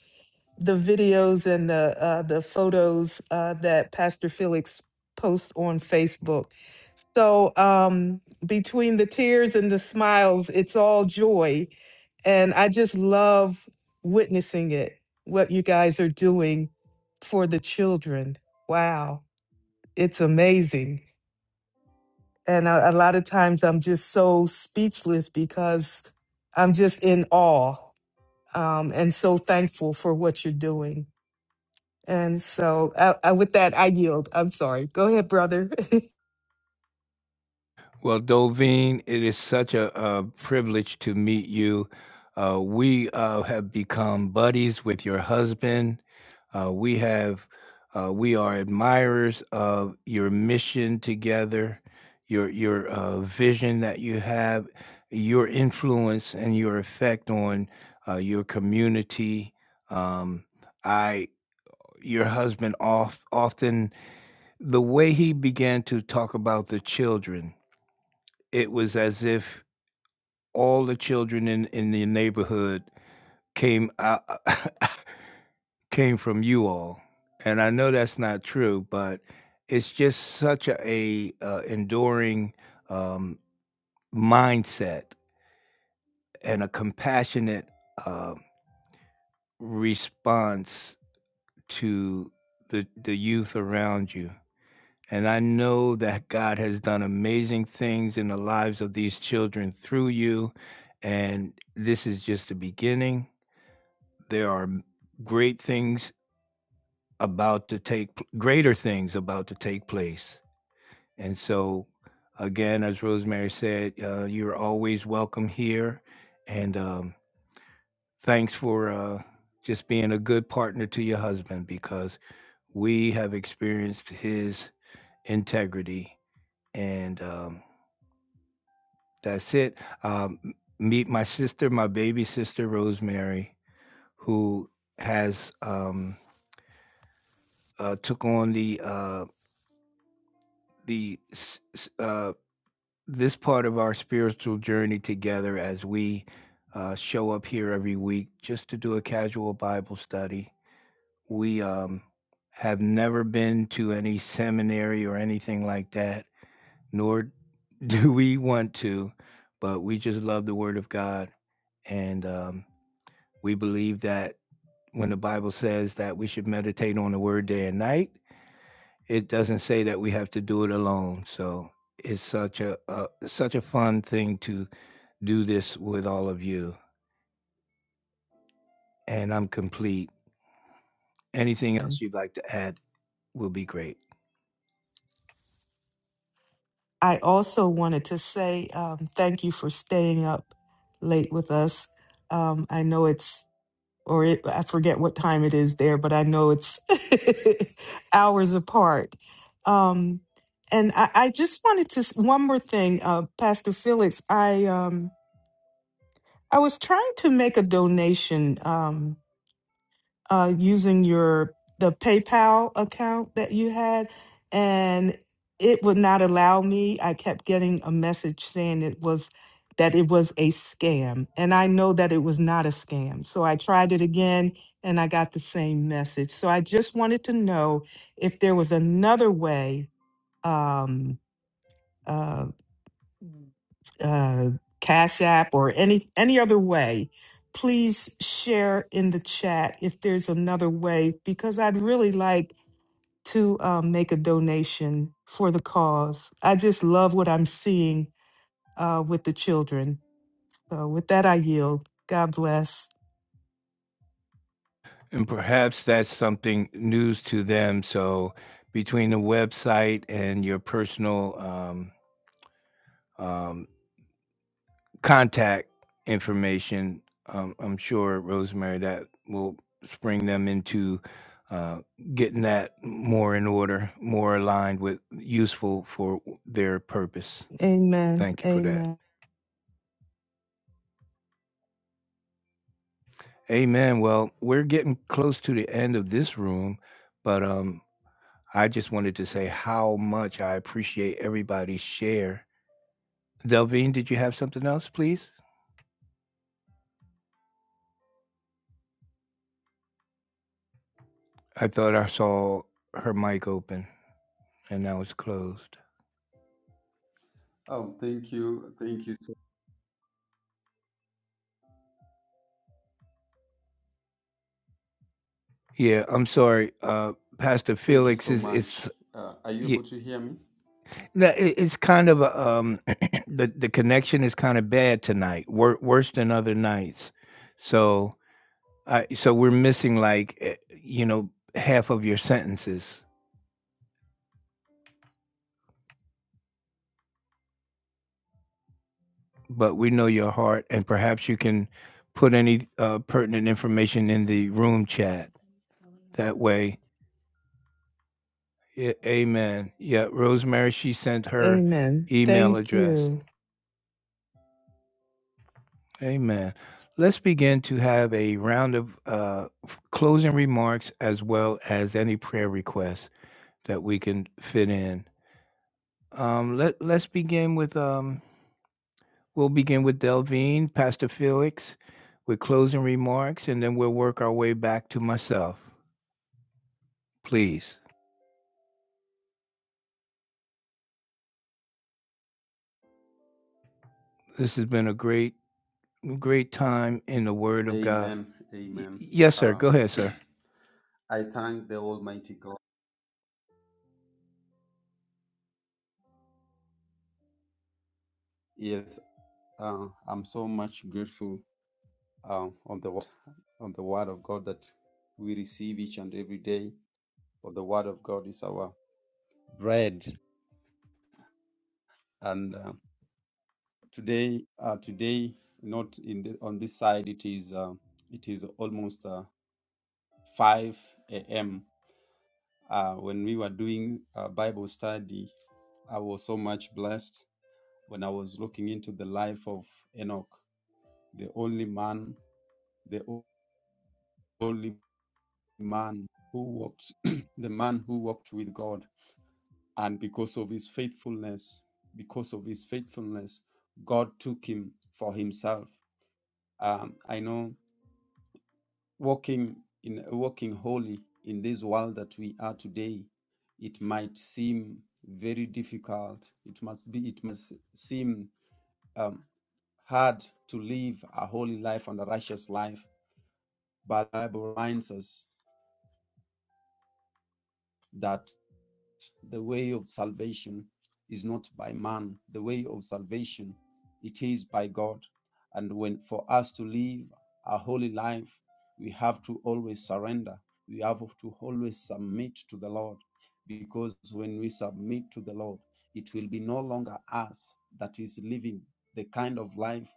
the videos and the uh the photos uh that pastor felix posts on facebook so um between the tears and the smiles it's all joy and i just love witnessing it what you guys are doing for the children wow it's amazing and a, a lot of times I'm just so speechless because I'm just in awe um, and so thankful for what you're doing. And so, I, I, with that, I yield. I'm sorry. Go ahead, brother. Well, Doveen, it is such a, a privilege to meet you. Uh, we uh, have become buddies with your husband. Uh, we have, uh, we are admirers of your mission together, your your uh, vision that you have, your influence and your effect on uh, your community. Um, I, your husband, off, often the way he began to talk about the children it was as if all the children in in the neighborhood came out came from you all. And I know that's not true, but it's just such a, a uh, enduring um, mindset and a compassionate um response to the the youth around you. And I know that God has done amazing things in the lives of these children through you. And this is just the beginning There are great things about to take greater things about to take place. And so again, as Rosemary said, uh, you're always welcome here. And um, thanks for uh, just being a good partner to your husband because we have experienced his integrity. And um, that's it. Um, meet my sister, my baby sister, Rosemary, who has um, uh, took on the uh, the s- s- uh, this part of our spiritual journey together as we uh, show up here every week just to do a casual Bible study. We um, have never been to any seminary or anything like that, nor do we want to, but we just love the Word of God. And um, we believe that when the Bible says that we should meditate on the Word day and night, it doesn't say that we have to do it alone. So it's such a, a such a fun thing to do this with all of you. And I'm complete. Anything else And you'd like to add will be great. I also wanted to say um, thank you for staying up late with us. Um, I know it's or it, I forget what time it is there, but I know it's hours apart. Um, and I, I just wanted to s- one more thing, uh, Pastor Felix. I um, I was trying to make a donation. Um, uh, using your the PayPal account that you had, and it would not allow me. I kept getting a message saying it was that it was a scam, and I know that it was not a scam. So I tried it again, and I got the same message. So I just wanted to know if there was another way. Um, uh, uh, Cash App or any any other way, please share in the chat if there's another way because I'd really like to um, make a donation for the cause. I just love what I'm seeing uh, with the children. So with that, I yield. God bless. And perhaps that's something news to them. So between the website and your personal um, um, contact information. Um, I'm sure Rosemary that will spring them into uh, getting that more in order, more aligned with useful for their purpose. Amen. Thank you for that. Amen. Amen. Well, we're getting close to the end of this room, but um, I just wanted to say how much I appreciate everybody's share. Delvine, did you have something else, please? I thought I saw her mic open and now it's closed. Oh, thank you, thank you so. Yeah, I'm sorry, uh, Pastor Thank you Felix so is it's much. Uh, are you yeah, able to hear me? no, it, it's kind of a, um the the connection is kind of bad tonight, wor- worse than other nights. So I so we're missing like eh, you know half of your sentences, but we know your heart, and perhaps you can put any uh, pertinent information in Sasa the room nakuuliza vitu chat. vingine naona That way, yeah, Amen. Yeah, Rosemary, she sent her Amen. email Thank address. you. Amen. Let's begin to have a round of uh, f- closing remarks as well as any prayer requests that we can fit in. Um, let Let's begin with um, we'll begin with Delvine, Pastor Felix, with closing remarks, and then we'll work our way back to myself. Please, this has been a great great time in the Word of God. Amen. Y- Amen. yes, sir. Uh, Go ahead, sir. I thank the Almighty God. Yes, uh, I'm so much grateful uh, on the word- on the Word of God that we receive each and every day. For the Word of God is our bread, and uh, today, uh, today, not in the, on this side, it is uh, it is almost uh, 5 a.m. Uh, when we were doing uh, Bible study, I was so much blessed when I was looking into the life of Enoch, the only man, the o- only man who walked, the man who walked with God. And because of his faithfulness, because of his faithfulness, God took him for himself. Um, I know walking in walking holy in this world that we are today it might seem very difficult it must be it must seem um, hard to live a holy life and a righteous life but the bible reminds us that the way of salvation is not by man. The way of salvation, it is by God. And when for us to live a holy life, we have to always surrender. We have to always submit to the Lord. Because when we submit to the Lord, it will be no longer us that is living the kind of life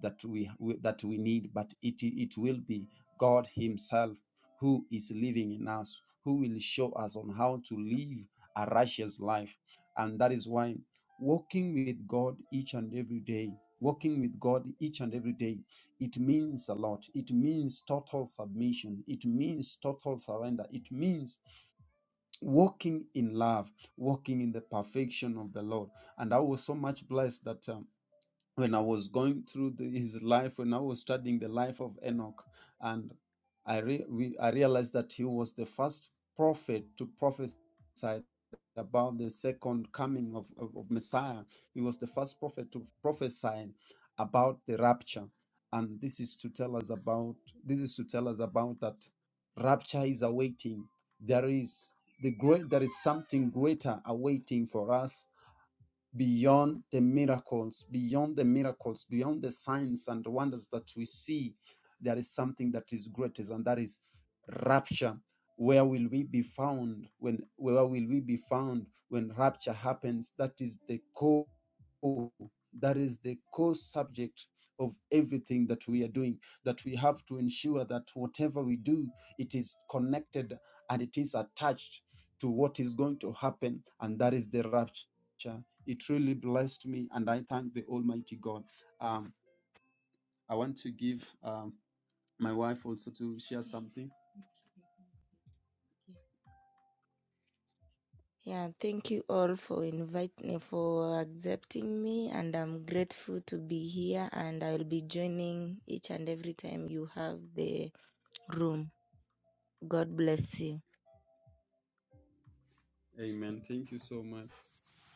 that we, we that we need, but it it will be God Himself who is living in us, who will show us on how to live a righteous life. And that is why walking with God each and every day, walking with God each and every day, it means a lot. It means total submission. It means total surrender. It means walking in love, walking in the perfection of the Lord. And I was so much blessed that. um, when I was going through the, his life, when I was studying the life of Enoch, and I re, we, I realized that he was the first prophet to prophesy about the second coming of, of, of Messiah. He was the first prophet to prophesy about the rapture, and this is to tell us about this is to tell us about that rapture is awaiting. There is the great there is something greater awaiting for us beyond the miracles, beyond the miracles, beyond the signs and wonders that we see, there is something that is greatest, and that is rapture. Where will we be found when where will we be found when rapture happens? That is the core, that is the core subject of everything that we are doing. That we have to ensure that whatever we do, it is connected and it is attached to what is going to happen, and that is the rapture it really blessed me, and I thank the Almighty God. Um, I want to give um, my wife also to share something. Yeah, thank you all for inviting me, for accepting me and I'm grateful to be here and I'll be joining each and every time you have the room. God bless you. Amen. Thank you so much.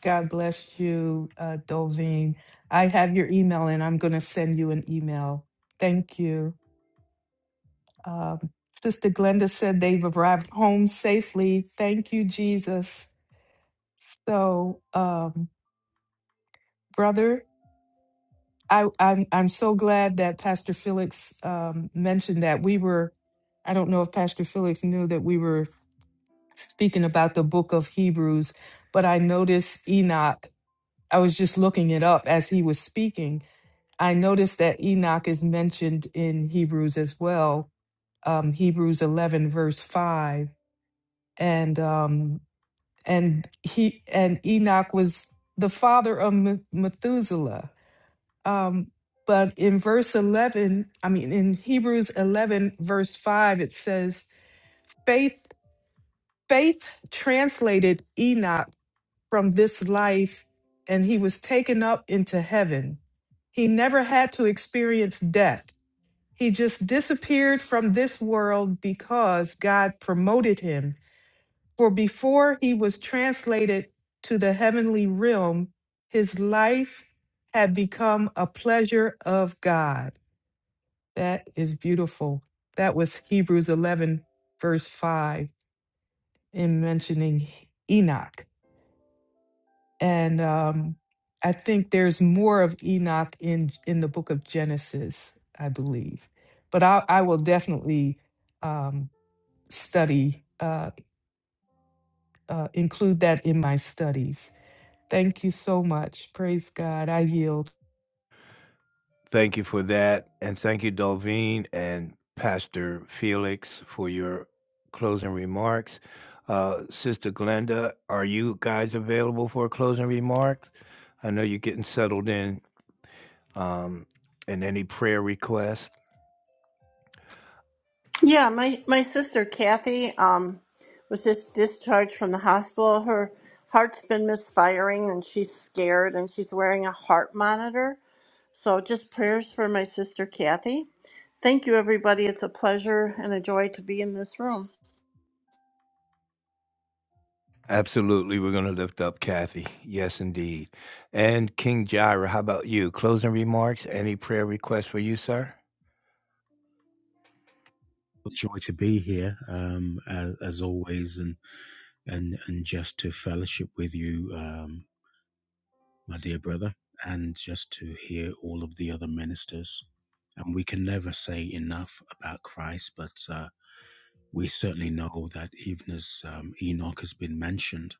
God bless you, uh, Dolveen. I have your email and I'm going to send you an email. Thank you. Um, Sister Glenda said they've arrived home safely. Thank you, Jesus. So, um, brother, I, I'm I'm so glad that Pastor Felix um, mentioned that we were. I don't know if Pastor Felix knew that we were speaking about the book of Hebrews, but I noticed Enoch. I was just looking it up as he was speaking. I noticed that Enoch is mentioned in Hebrews as well. Um, Hebrews 11 verse 5 and um, and he and Enoch was the father of Me- Methuselah. Um, but in verse eleven, I mean in Hebrews eleven verse five, it says, "Faith, faith translated Enoch from this life, and he was taken up into heaven. He never had to experience death. He just disappeared from this world because God promoted him." For before he was translated to the heavenly realm, his life had become a pleasure of God. That is beautiful. That was Hebrews 11, verse 5, in mentioning Enoch. And um, I think there's more of Enoch in, in the book of Genesis, I believe. But I, I will definitely um, study, uh, uh, include that in my studies Thank you so much. Praise God. I yield. Thank you for that. And thank you, Dolveen and Pastor Felix, for your closing remarks. Uh, Sister Glenda, are you guys available for closing remarks? I know you're getting settled in. Um, and any prayer requests? Yeah, my, my sister Kathy um, was just discharged from the hospital. Her heart's been misfiring and she's scared and she's wearing a heart monitor. So just prayers for my sister Kathy. Thank you, everybody. It's a pleasure and a joy to be in this room. Absolutely. We're going to lift up Kathy. Yes, indeed. And King Jairus, how about you? Closing remarks? Any prayer requests for you, sir? joy to be here um, as, as always and, and and just to fellowship with you um, my dear brother and just to hear all of the other ministers and we can never say enough about Christ but uh, we certainly know that even as um, Enoch has been mentioned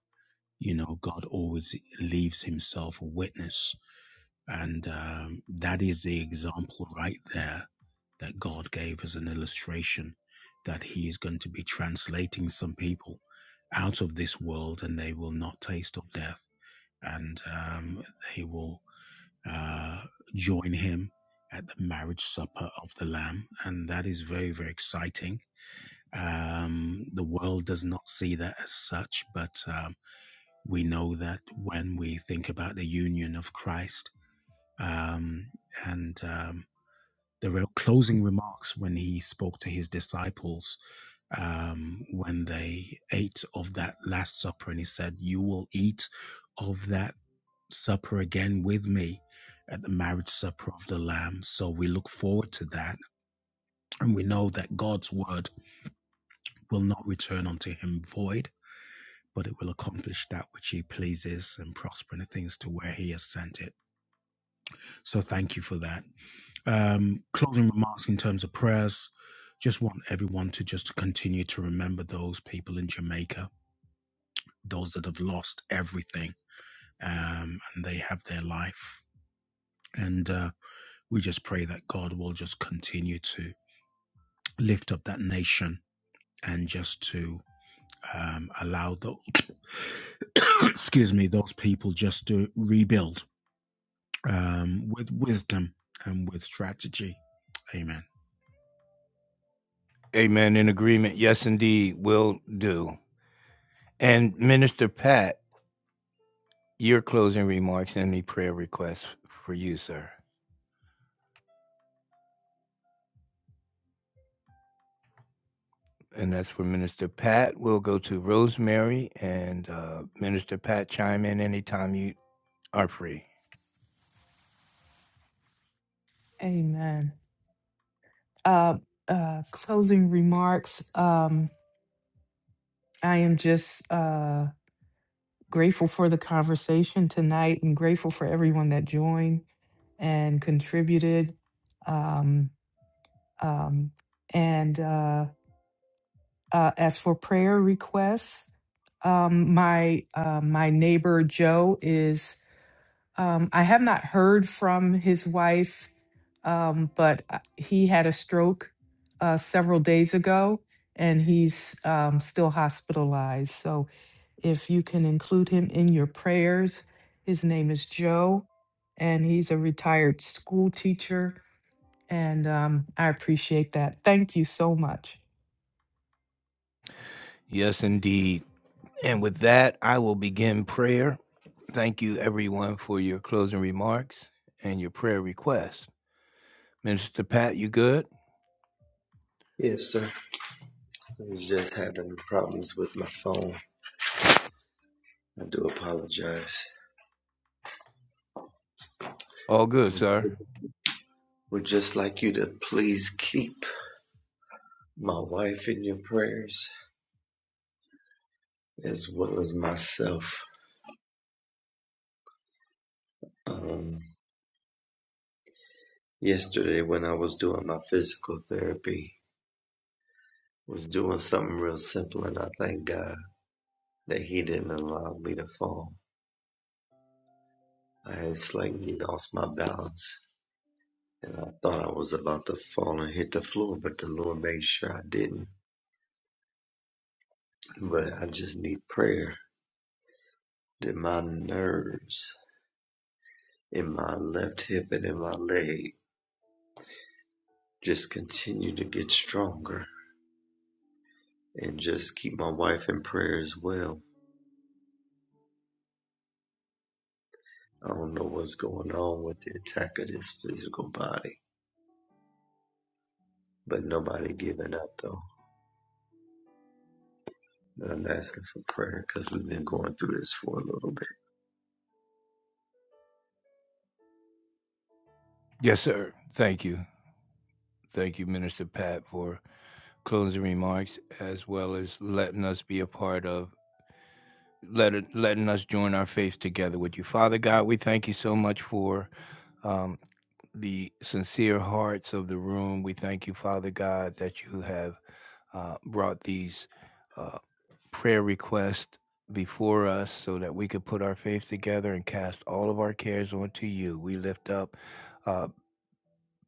you know god always leaves himself a witness and um, that is the example right there that god gave as an illustration that he is going to be translating some people out of this world and they will not taste of death and um, they will uh, join him at the marriage supper of the lamb and that is very very exciting um, the world does not see that as such but um, we know that when we think about the union of Christ um, and um, the real closing remarks when he spoke to his disciples um, when they ate of that Last Supper, and he said, You will eat of that supper again with me at the marriage supper of the Lamb. So we look forward to that. And we know that God's word will not return unto him void. But it will accomplish that which he pleases and prosper in the things to where he has sent it. So thank you for that. Um, closing remarks in terms of prayers. Just want everyone to just continue to remember those people in Jamaica, those that have lost everything, um, and they have their life. And uh, we just pray that God will just continue to lift up that nation and just to um, allow the excuse me those people just to rebuild um, with wisdom and with strategy. Amen. Amen. In agreement. Yes, indeed. Will do. And Minister Pat, Your closing remarks and any prayer requests for you, sir. And that's for Minister Pat. We'll go to Rosemary and uh, Minister Pat chime in anytime you are free. Amen. Uh, uh, closing remarks. Um, I am just uh, grateful for the conversation tonight and grateful for everyone that joined and contributed. Um, um, and uh, uh, as for prayer requests, um, my uh, my neighbor Joe is. Um, I have not heard from his wife um, but uh, he had a stroke uh, several days ago and he's um, still hospitalized. So if you can include him in your prayers, his name is Joe and he's a retired school teacher. And um, I appreciate that. Thank you so much. Yes, indeed. And with that, I will begin prayer. Thank you, everyone, for your closing remarks and your prayer requests. Minister Pat, you good? Yes, sir. I was just having problems with my phone. I do apologize. All good, Would sir. would just like you to please keep my wife in your prayers as well as myself. Um, yesterday when I was doing my physical therapy, was doing something real simple and I thank God that he didn't allow me to fall. I had slightly lost my balance and I thought I was about to fall and hit the floor, but the Lord made sure I didn't. But I just need prayer that my nerves in my left hip and in my leg just continue to get stronger and just keep my wife in prayer as well. I don't know what's going on with the attack of this physical body, but nobody giving up though. And I'm asking for prayer because we've been going through this for a little bit. Yes, sir. Thank you. Thank you, Minister Pat, for closing remarks as well as letting us be a part of let it, letting us join our faith together with you. Father God, we thank you so much for um, the sincere hearts of the room. We thank you, Father God, that you have uh, brought these uh, prayer requests before us so that we could put our faith together and cast all of our cares onto you. We lift up uh,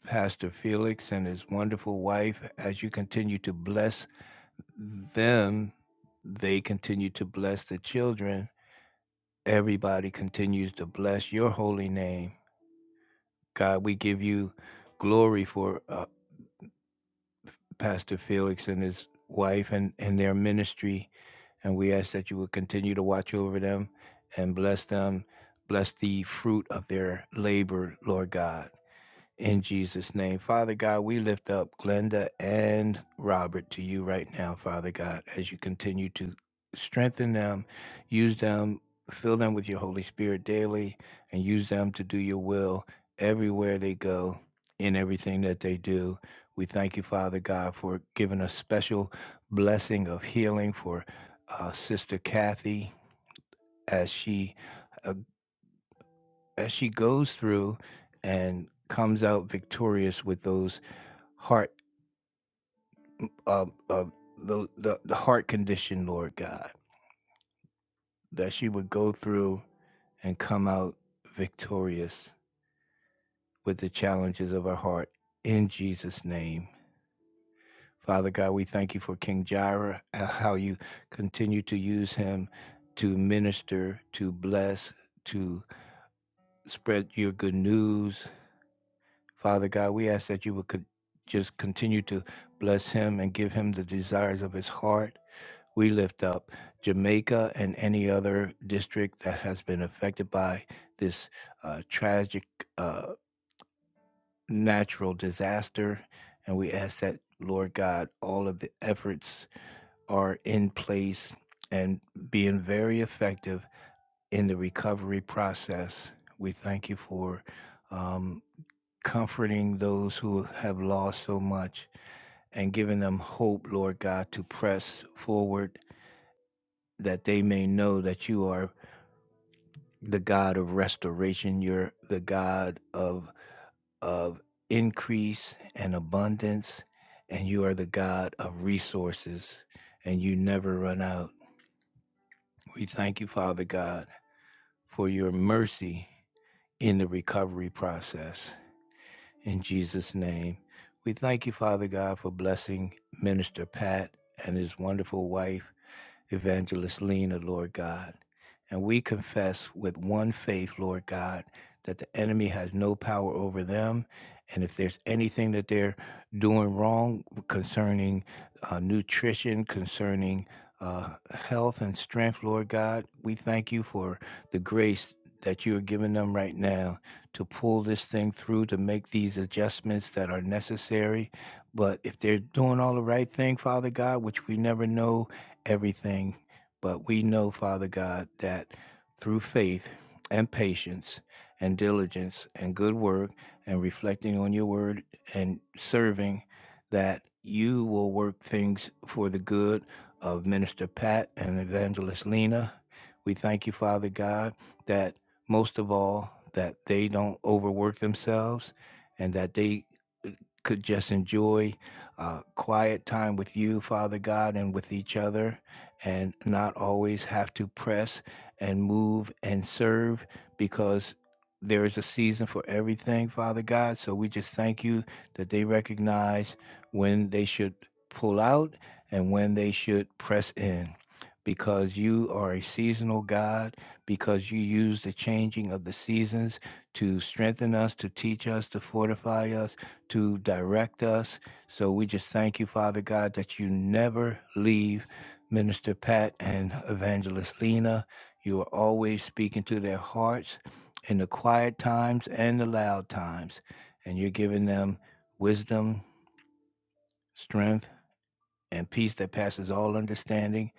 Pastor Felix and his wonderful wife as you continue to bless them. They continue to bless the children everybody continues to bless your holy name. God, we give you glory for uh, Pastor Felix and his wife and, and their ministry. And we ask that you would continue to watch over them and bless them, bless the fruit of their labor, Lord God. In Jesus' name, Father God, we lift up Glenda and Robert to you right now, Father God, as you continue to strengthen them, use them, fill them with your Holy Spirit daily, and use them to do your will everywhere they go, in everything that they do. We thank you, Father God, for giving a special blessing of healing for uh, Sister Kathy as she uh, as she goes through and comes out victorious with those heart of of the, the the heart condition, Lord God, that she would go through and come out victorious with the challenges of her heart in Jesus' name. Father God, we thank you for King Jairus and how you continue to use him to minister, to bless, to spread your good news. Father God, we ask that you would con- just continue to bless him and give him the desires of his heart. We lift up Jamaica and any other district that has been affected by this uh, tragic uh, natural disaster. And we ask that, Lord God, all of the efforts are in place and being very effective in the recovery process. We thank you for um, comforting those who have lost so much and giving them hope, Lord God, to press forward that they may know that you are the God of restoration. You're the God of of increase and abundance, and you are the God of resources, and you never run out. We thank you, Father God, for your mercy in the recovery process. In Jesus' name, we thank you, Father God, for blessing Minister Pat and his wonderful wife Evangelist Lena, Lord God. And we confess with one faith, Lord God, that the enemy has no power over them. And if there's anything that they're doing wrong concerning uh, nutrition, concerning uh, health and strength, Lord God, we thank you for the grace that you are giving them right now to pull this thing through, to make these adjustments that are necessary. But if they're doing all the right thing, Father God, which we never know, everything. But we know, Father God, that through faith and patience and diligence and good work and reflecting on your word and serving, that you will work things for the good of Minister Pat and Evangelist Lena. We thank you, Father God, that most of all, that they don't overwork themselves and that they uh, could just enjoy uh, quiet time with you, Father God, and with each other, and not always have to press and move and serve because there is a season for everything, Father God. So we just thank you that they recognize when they should pull out and when they should press in. Because you are a seasonal God, because you use the changing of the seasons to strengthen us, to teach us, to fortify us, to direct us, so we just thank you, Father God, that you never leave Minister Pat and Evangelist Lena. You are always speaking to their hearts in the quiet times and the loud times. And you're giving them wisdom, strength, and peace that passes all understanding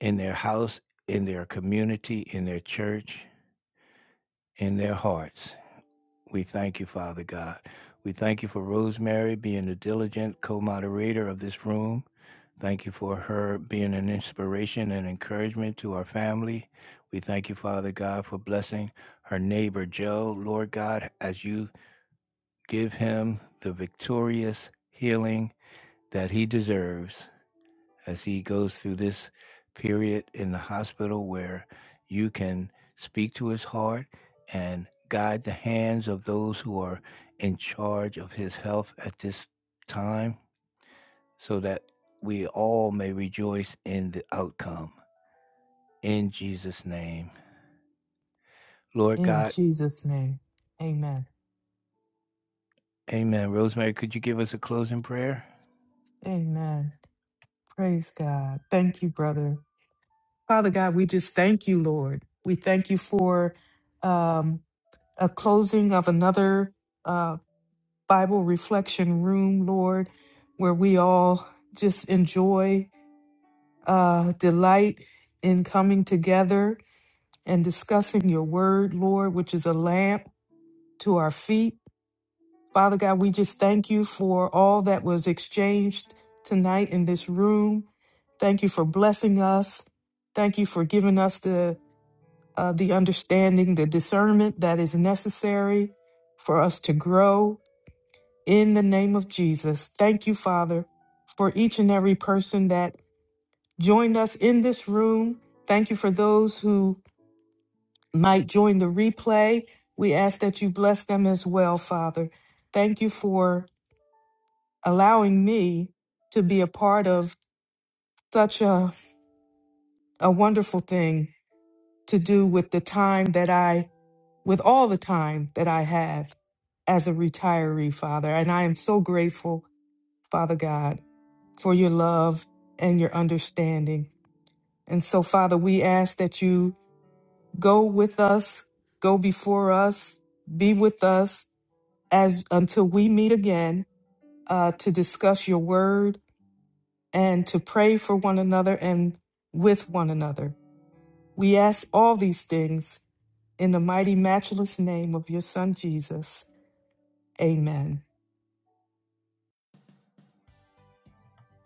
in their house, in their community, in their church, in their hearts. We thank you, Father God. We thank you for Rosemary being the diligent co moderator of this room. Thank you for her being an inspiration and encouragement to our family. We thank you, Father God, for blessing her neighbor, Joe. Lord God, as you give him the victorious healing that he deserves as he goes through this period in the hospital where you can speak to his heart and guide the hands of those who are in charge of his health at this time so that we all may rejoice in the outcome. In Jesus' name. Lord In God, Jesus' name, amen. amen. Rosemary, could you give us a closing prayer? Amen. Praise God. Thank you, brother. Father God, we just thank you, Lord. We thank you for. um, a closing of another uh, Bible reflection room, Lord, where we all just enjoy, uh, delight in coming together and discussing your word, Lord, which is a lamp to our feet. Father God, we just thank you for all that was exchanged tonight in this room. Thank you for blessing us. Thank you for giving us the uh, the understanding, the discernment that is necessary for us to grow in the name of Jesus. Thank you, Father, for each and every person that joined us in this room. Thank you for those who might join the replay. We ask that you bless them as well, Father. Thank you for allowing me to be a part of such a, a wonderful thing to do with the time that I, with all the time that I have as a retiree, Father. And I am so grateful, Father God. for your love and your understanding. And so, Father, we ask that you go with us, go before us, be with us as until we meet again uh, to discuss your word and to pray for one another and with one another. We ask all these things in the mighty, matchless name of your Son, Jesus. Amen.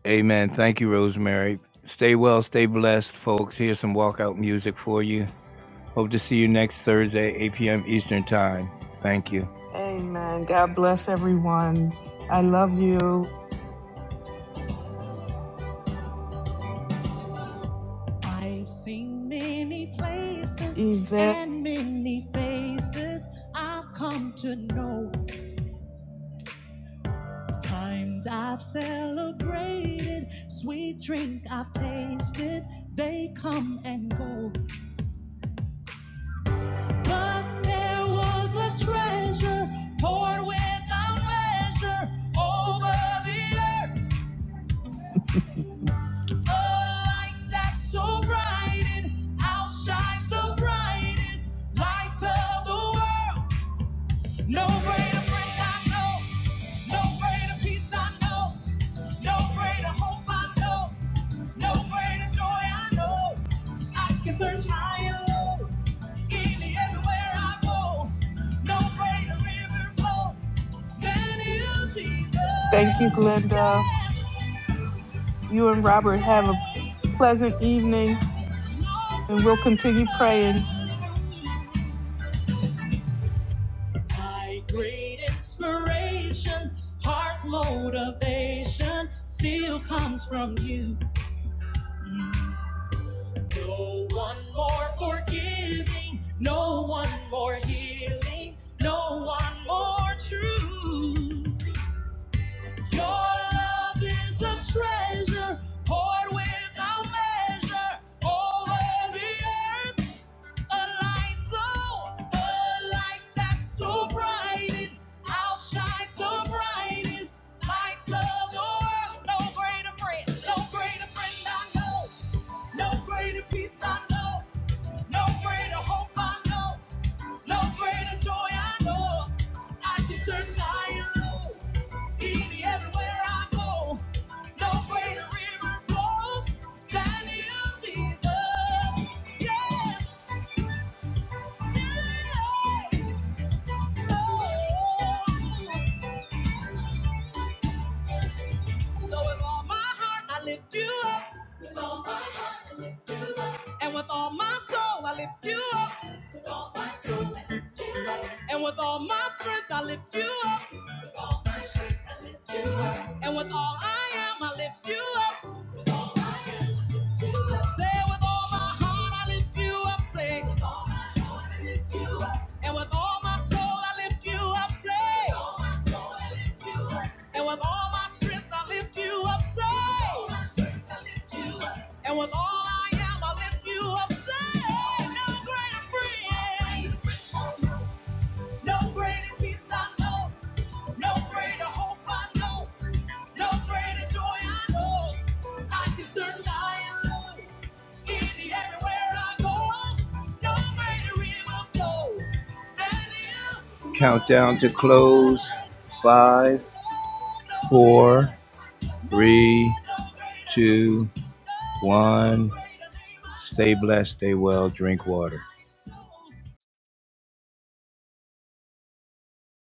Amen. Thank you, Rosemary. Stay well, stay blessed, folks. Here's some walkout music for you. Hope to see you next Thursday, 8 p.m. Eastern Time. Thank you. Amen. God bless everyone. I love you. I've seen many places Yvette, and many faces I've come to know. Times I've celebrated, sweet drink I've tasted, they come and go. But there was a treasure poured without measure over the earth. A light that's so bright it outshines the brightest lights of the world. No greater friend I know, no greater peace I know, no greater hope I know, no greater joy I know. I can search high and low, any everywhere I go. No greater river flows than you, Jesus. thank you, Glenda. yeah, You and Robert have a Yeah. pleasant evening, and we'll continue praying. My great inspiration, heart's motivation still comes from you. No one more forgiving, no one more healing, no one more true. Your love is a treasure poured without measure over the earth. A light so, a light that's so bright it outshines the brightest lights of the world. No greater friend, no greater friend I know, no greater peace I know, no greater hope I know, no greater joy I know. I can search high and low, easy everywhere I go. No greater river flows than you, Jesus. Yeah. So with all my heart I lift you up. With all my heart I lift you up. And with all my soul I lift you up. With all my soul I lift you up. And with all my strength I lift you up. With all my strength I lift you up. And with all I am I lift you up. With all I am I lift you up. Say it with all my heart I lift you up, say. With all my heart I lift you up. And with all my soul I lift you up, say. With all my soul I lift you up. And with all my strength I lift you up, say. With all my strength I lift you up. And with all I am I lift you up, say. No greater friend, no greater peace I know. No greater hope I know. No greater joy I know. I can search high and low. Easy everywhere I go. No greater in my flow. than you. Countdown to close. Five, four, three, two, one. Stay blessed, stay well, drink water.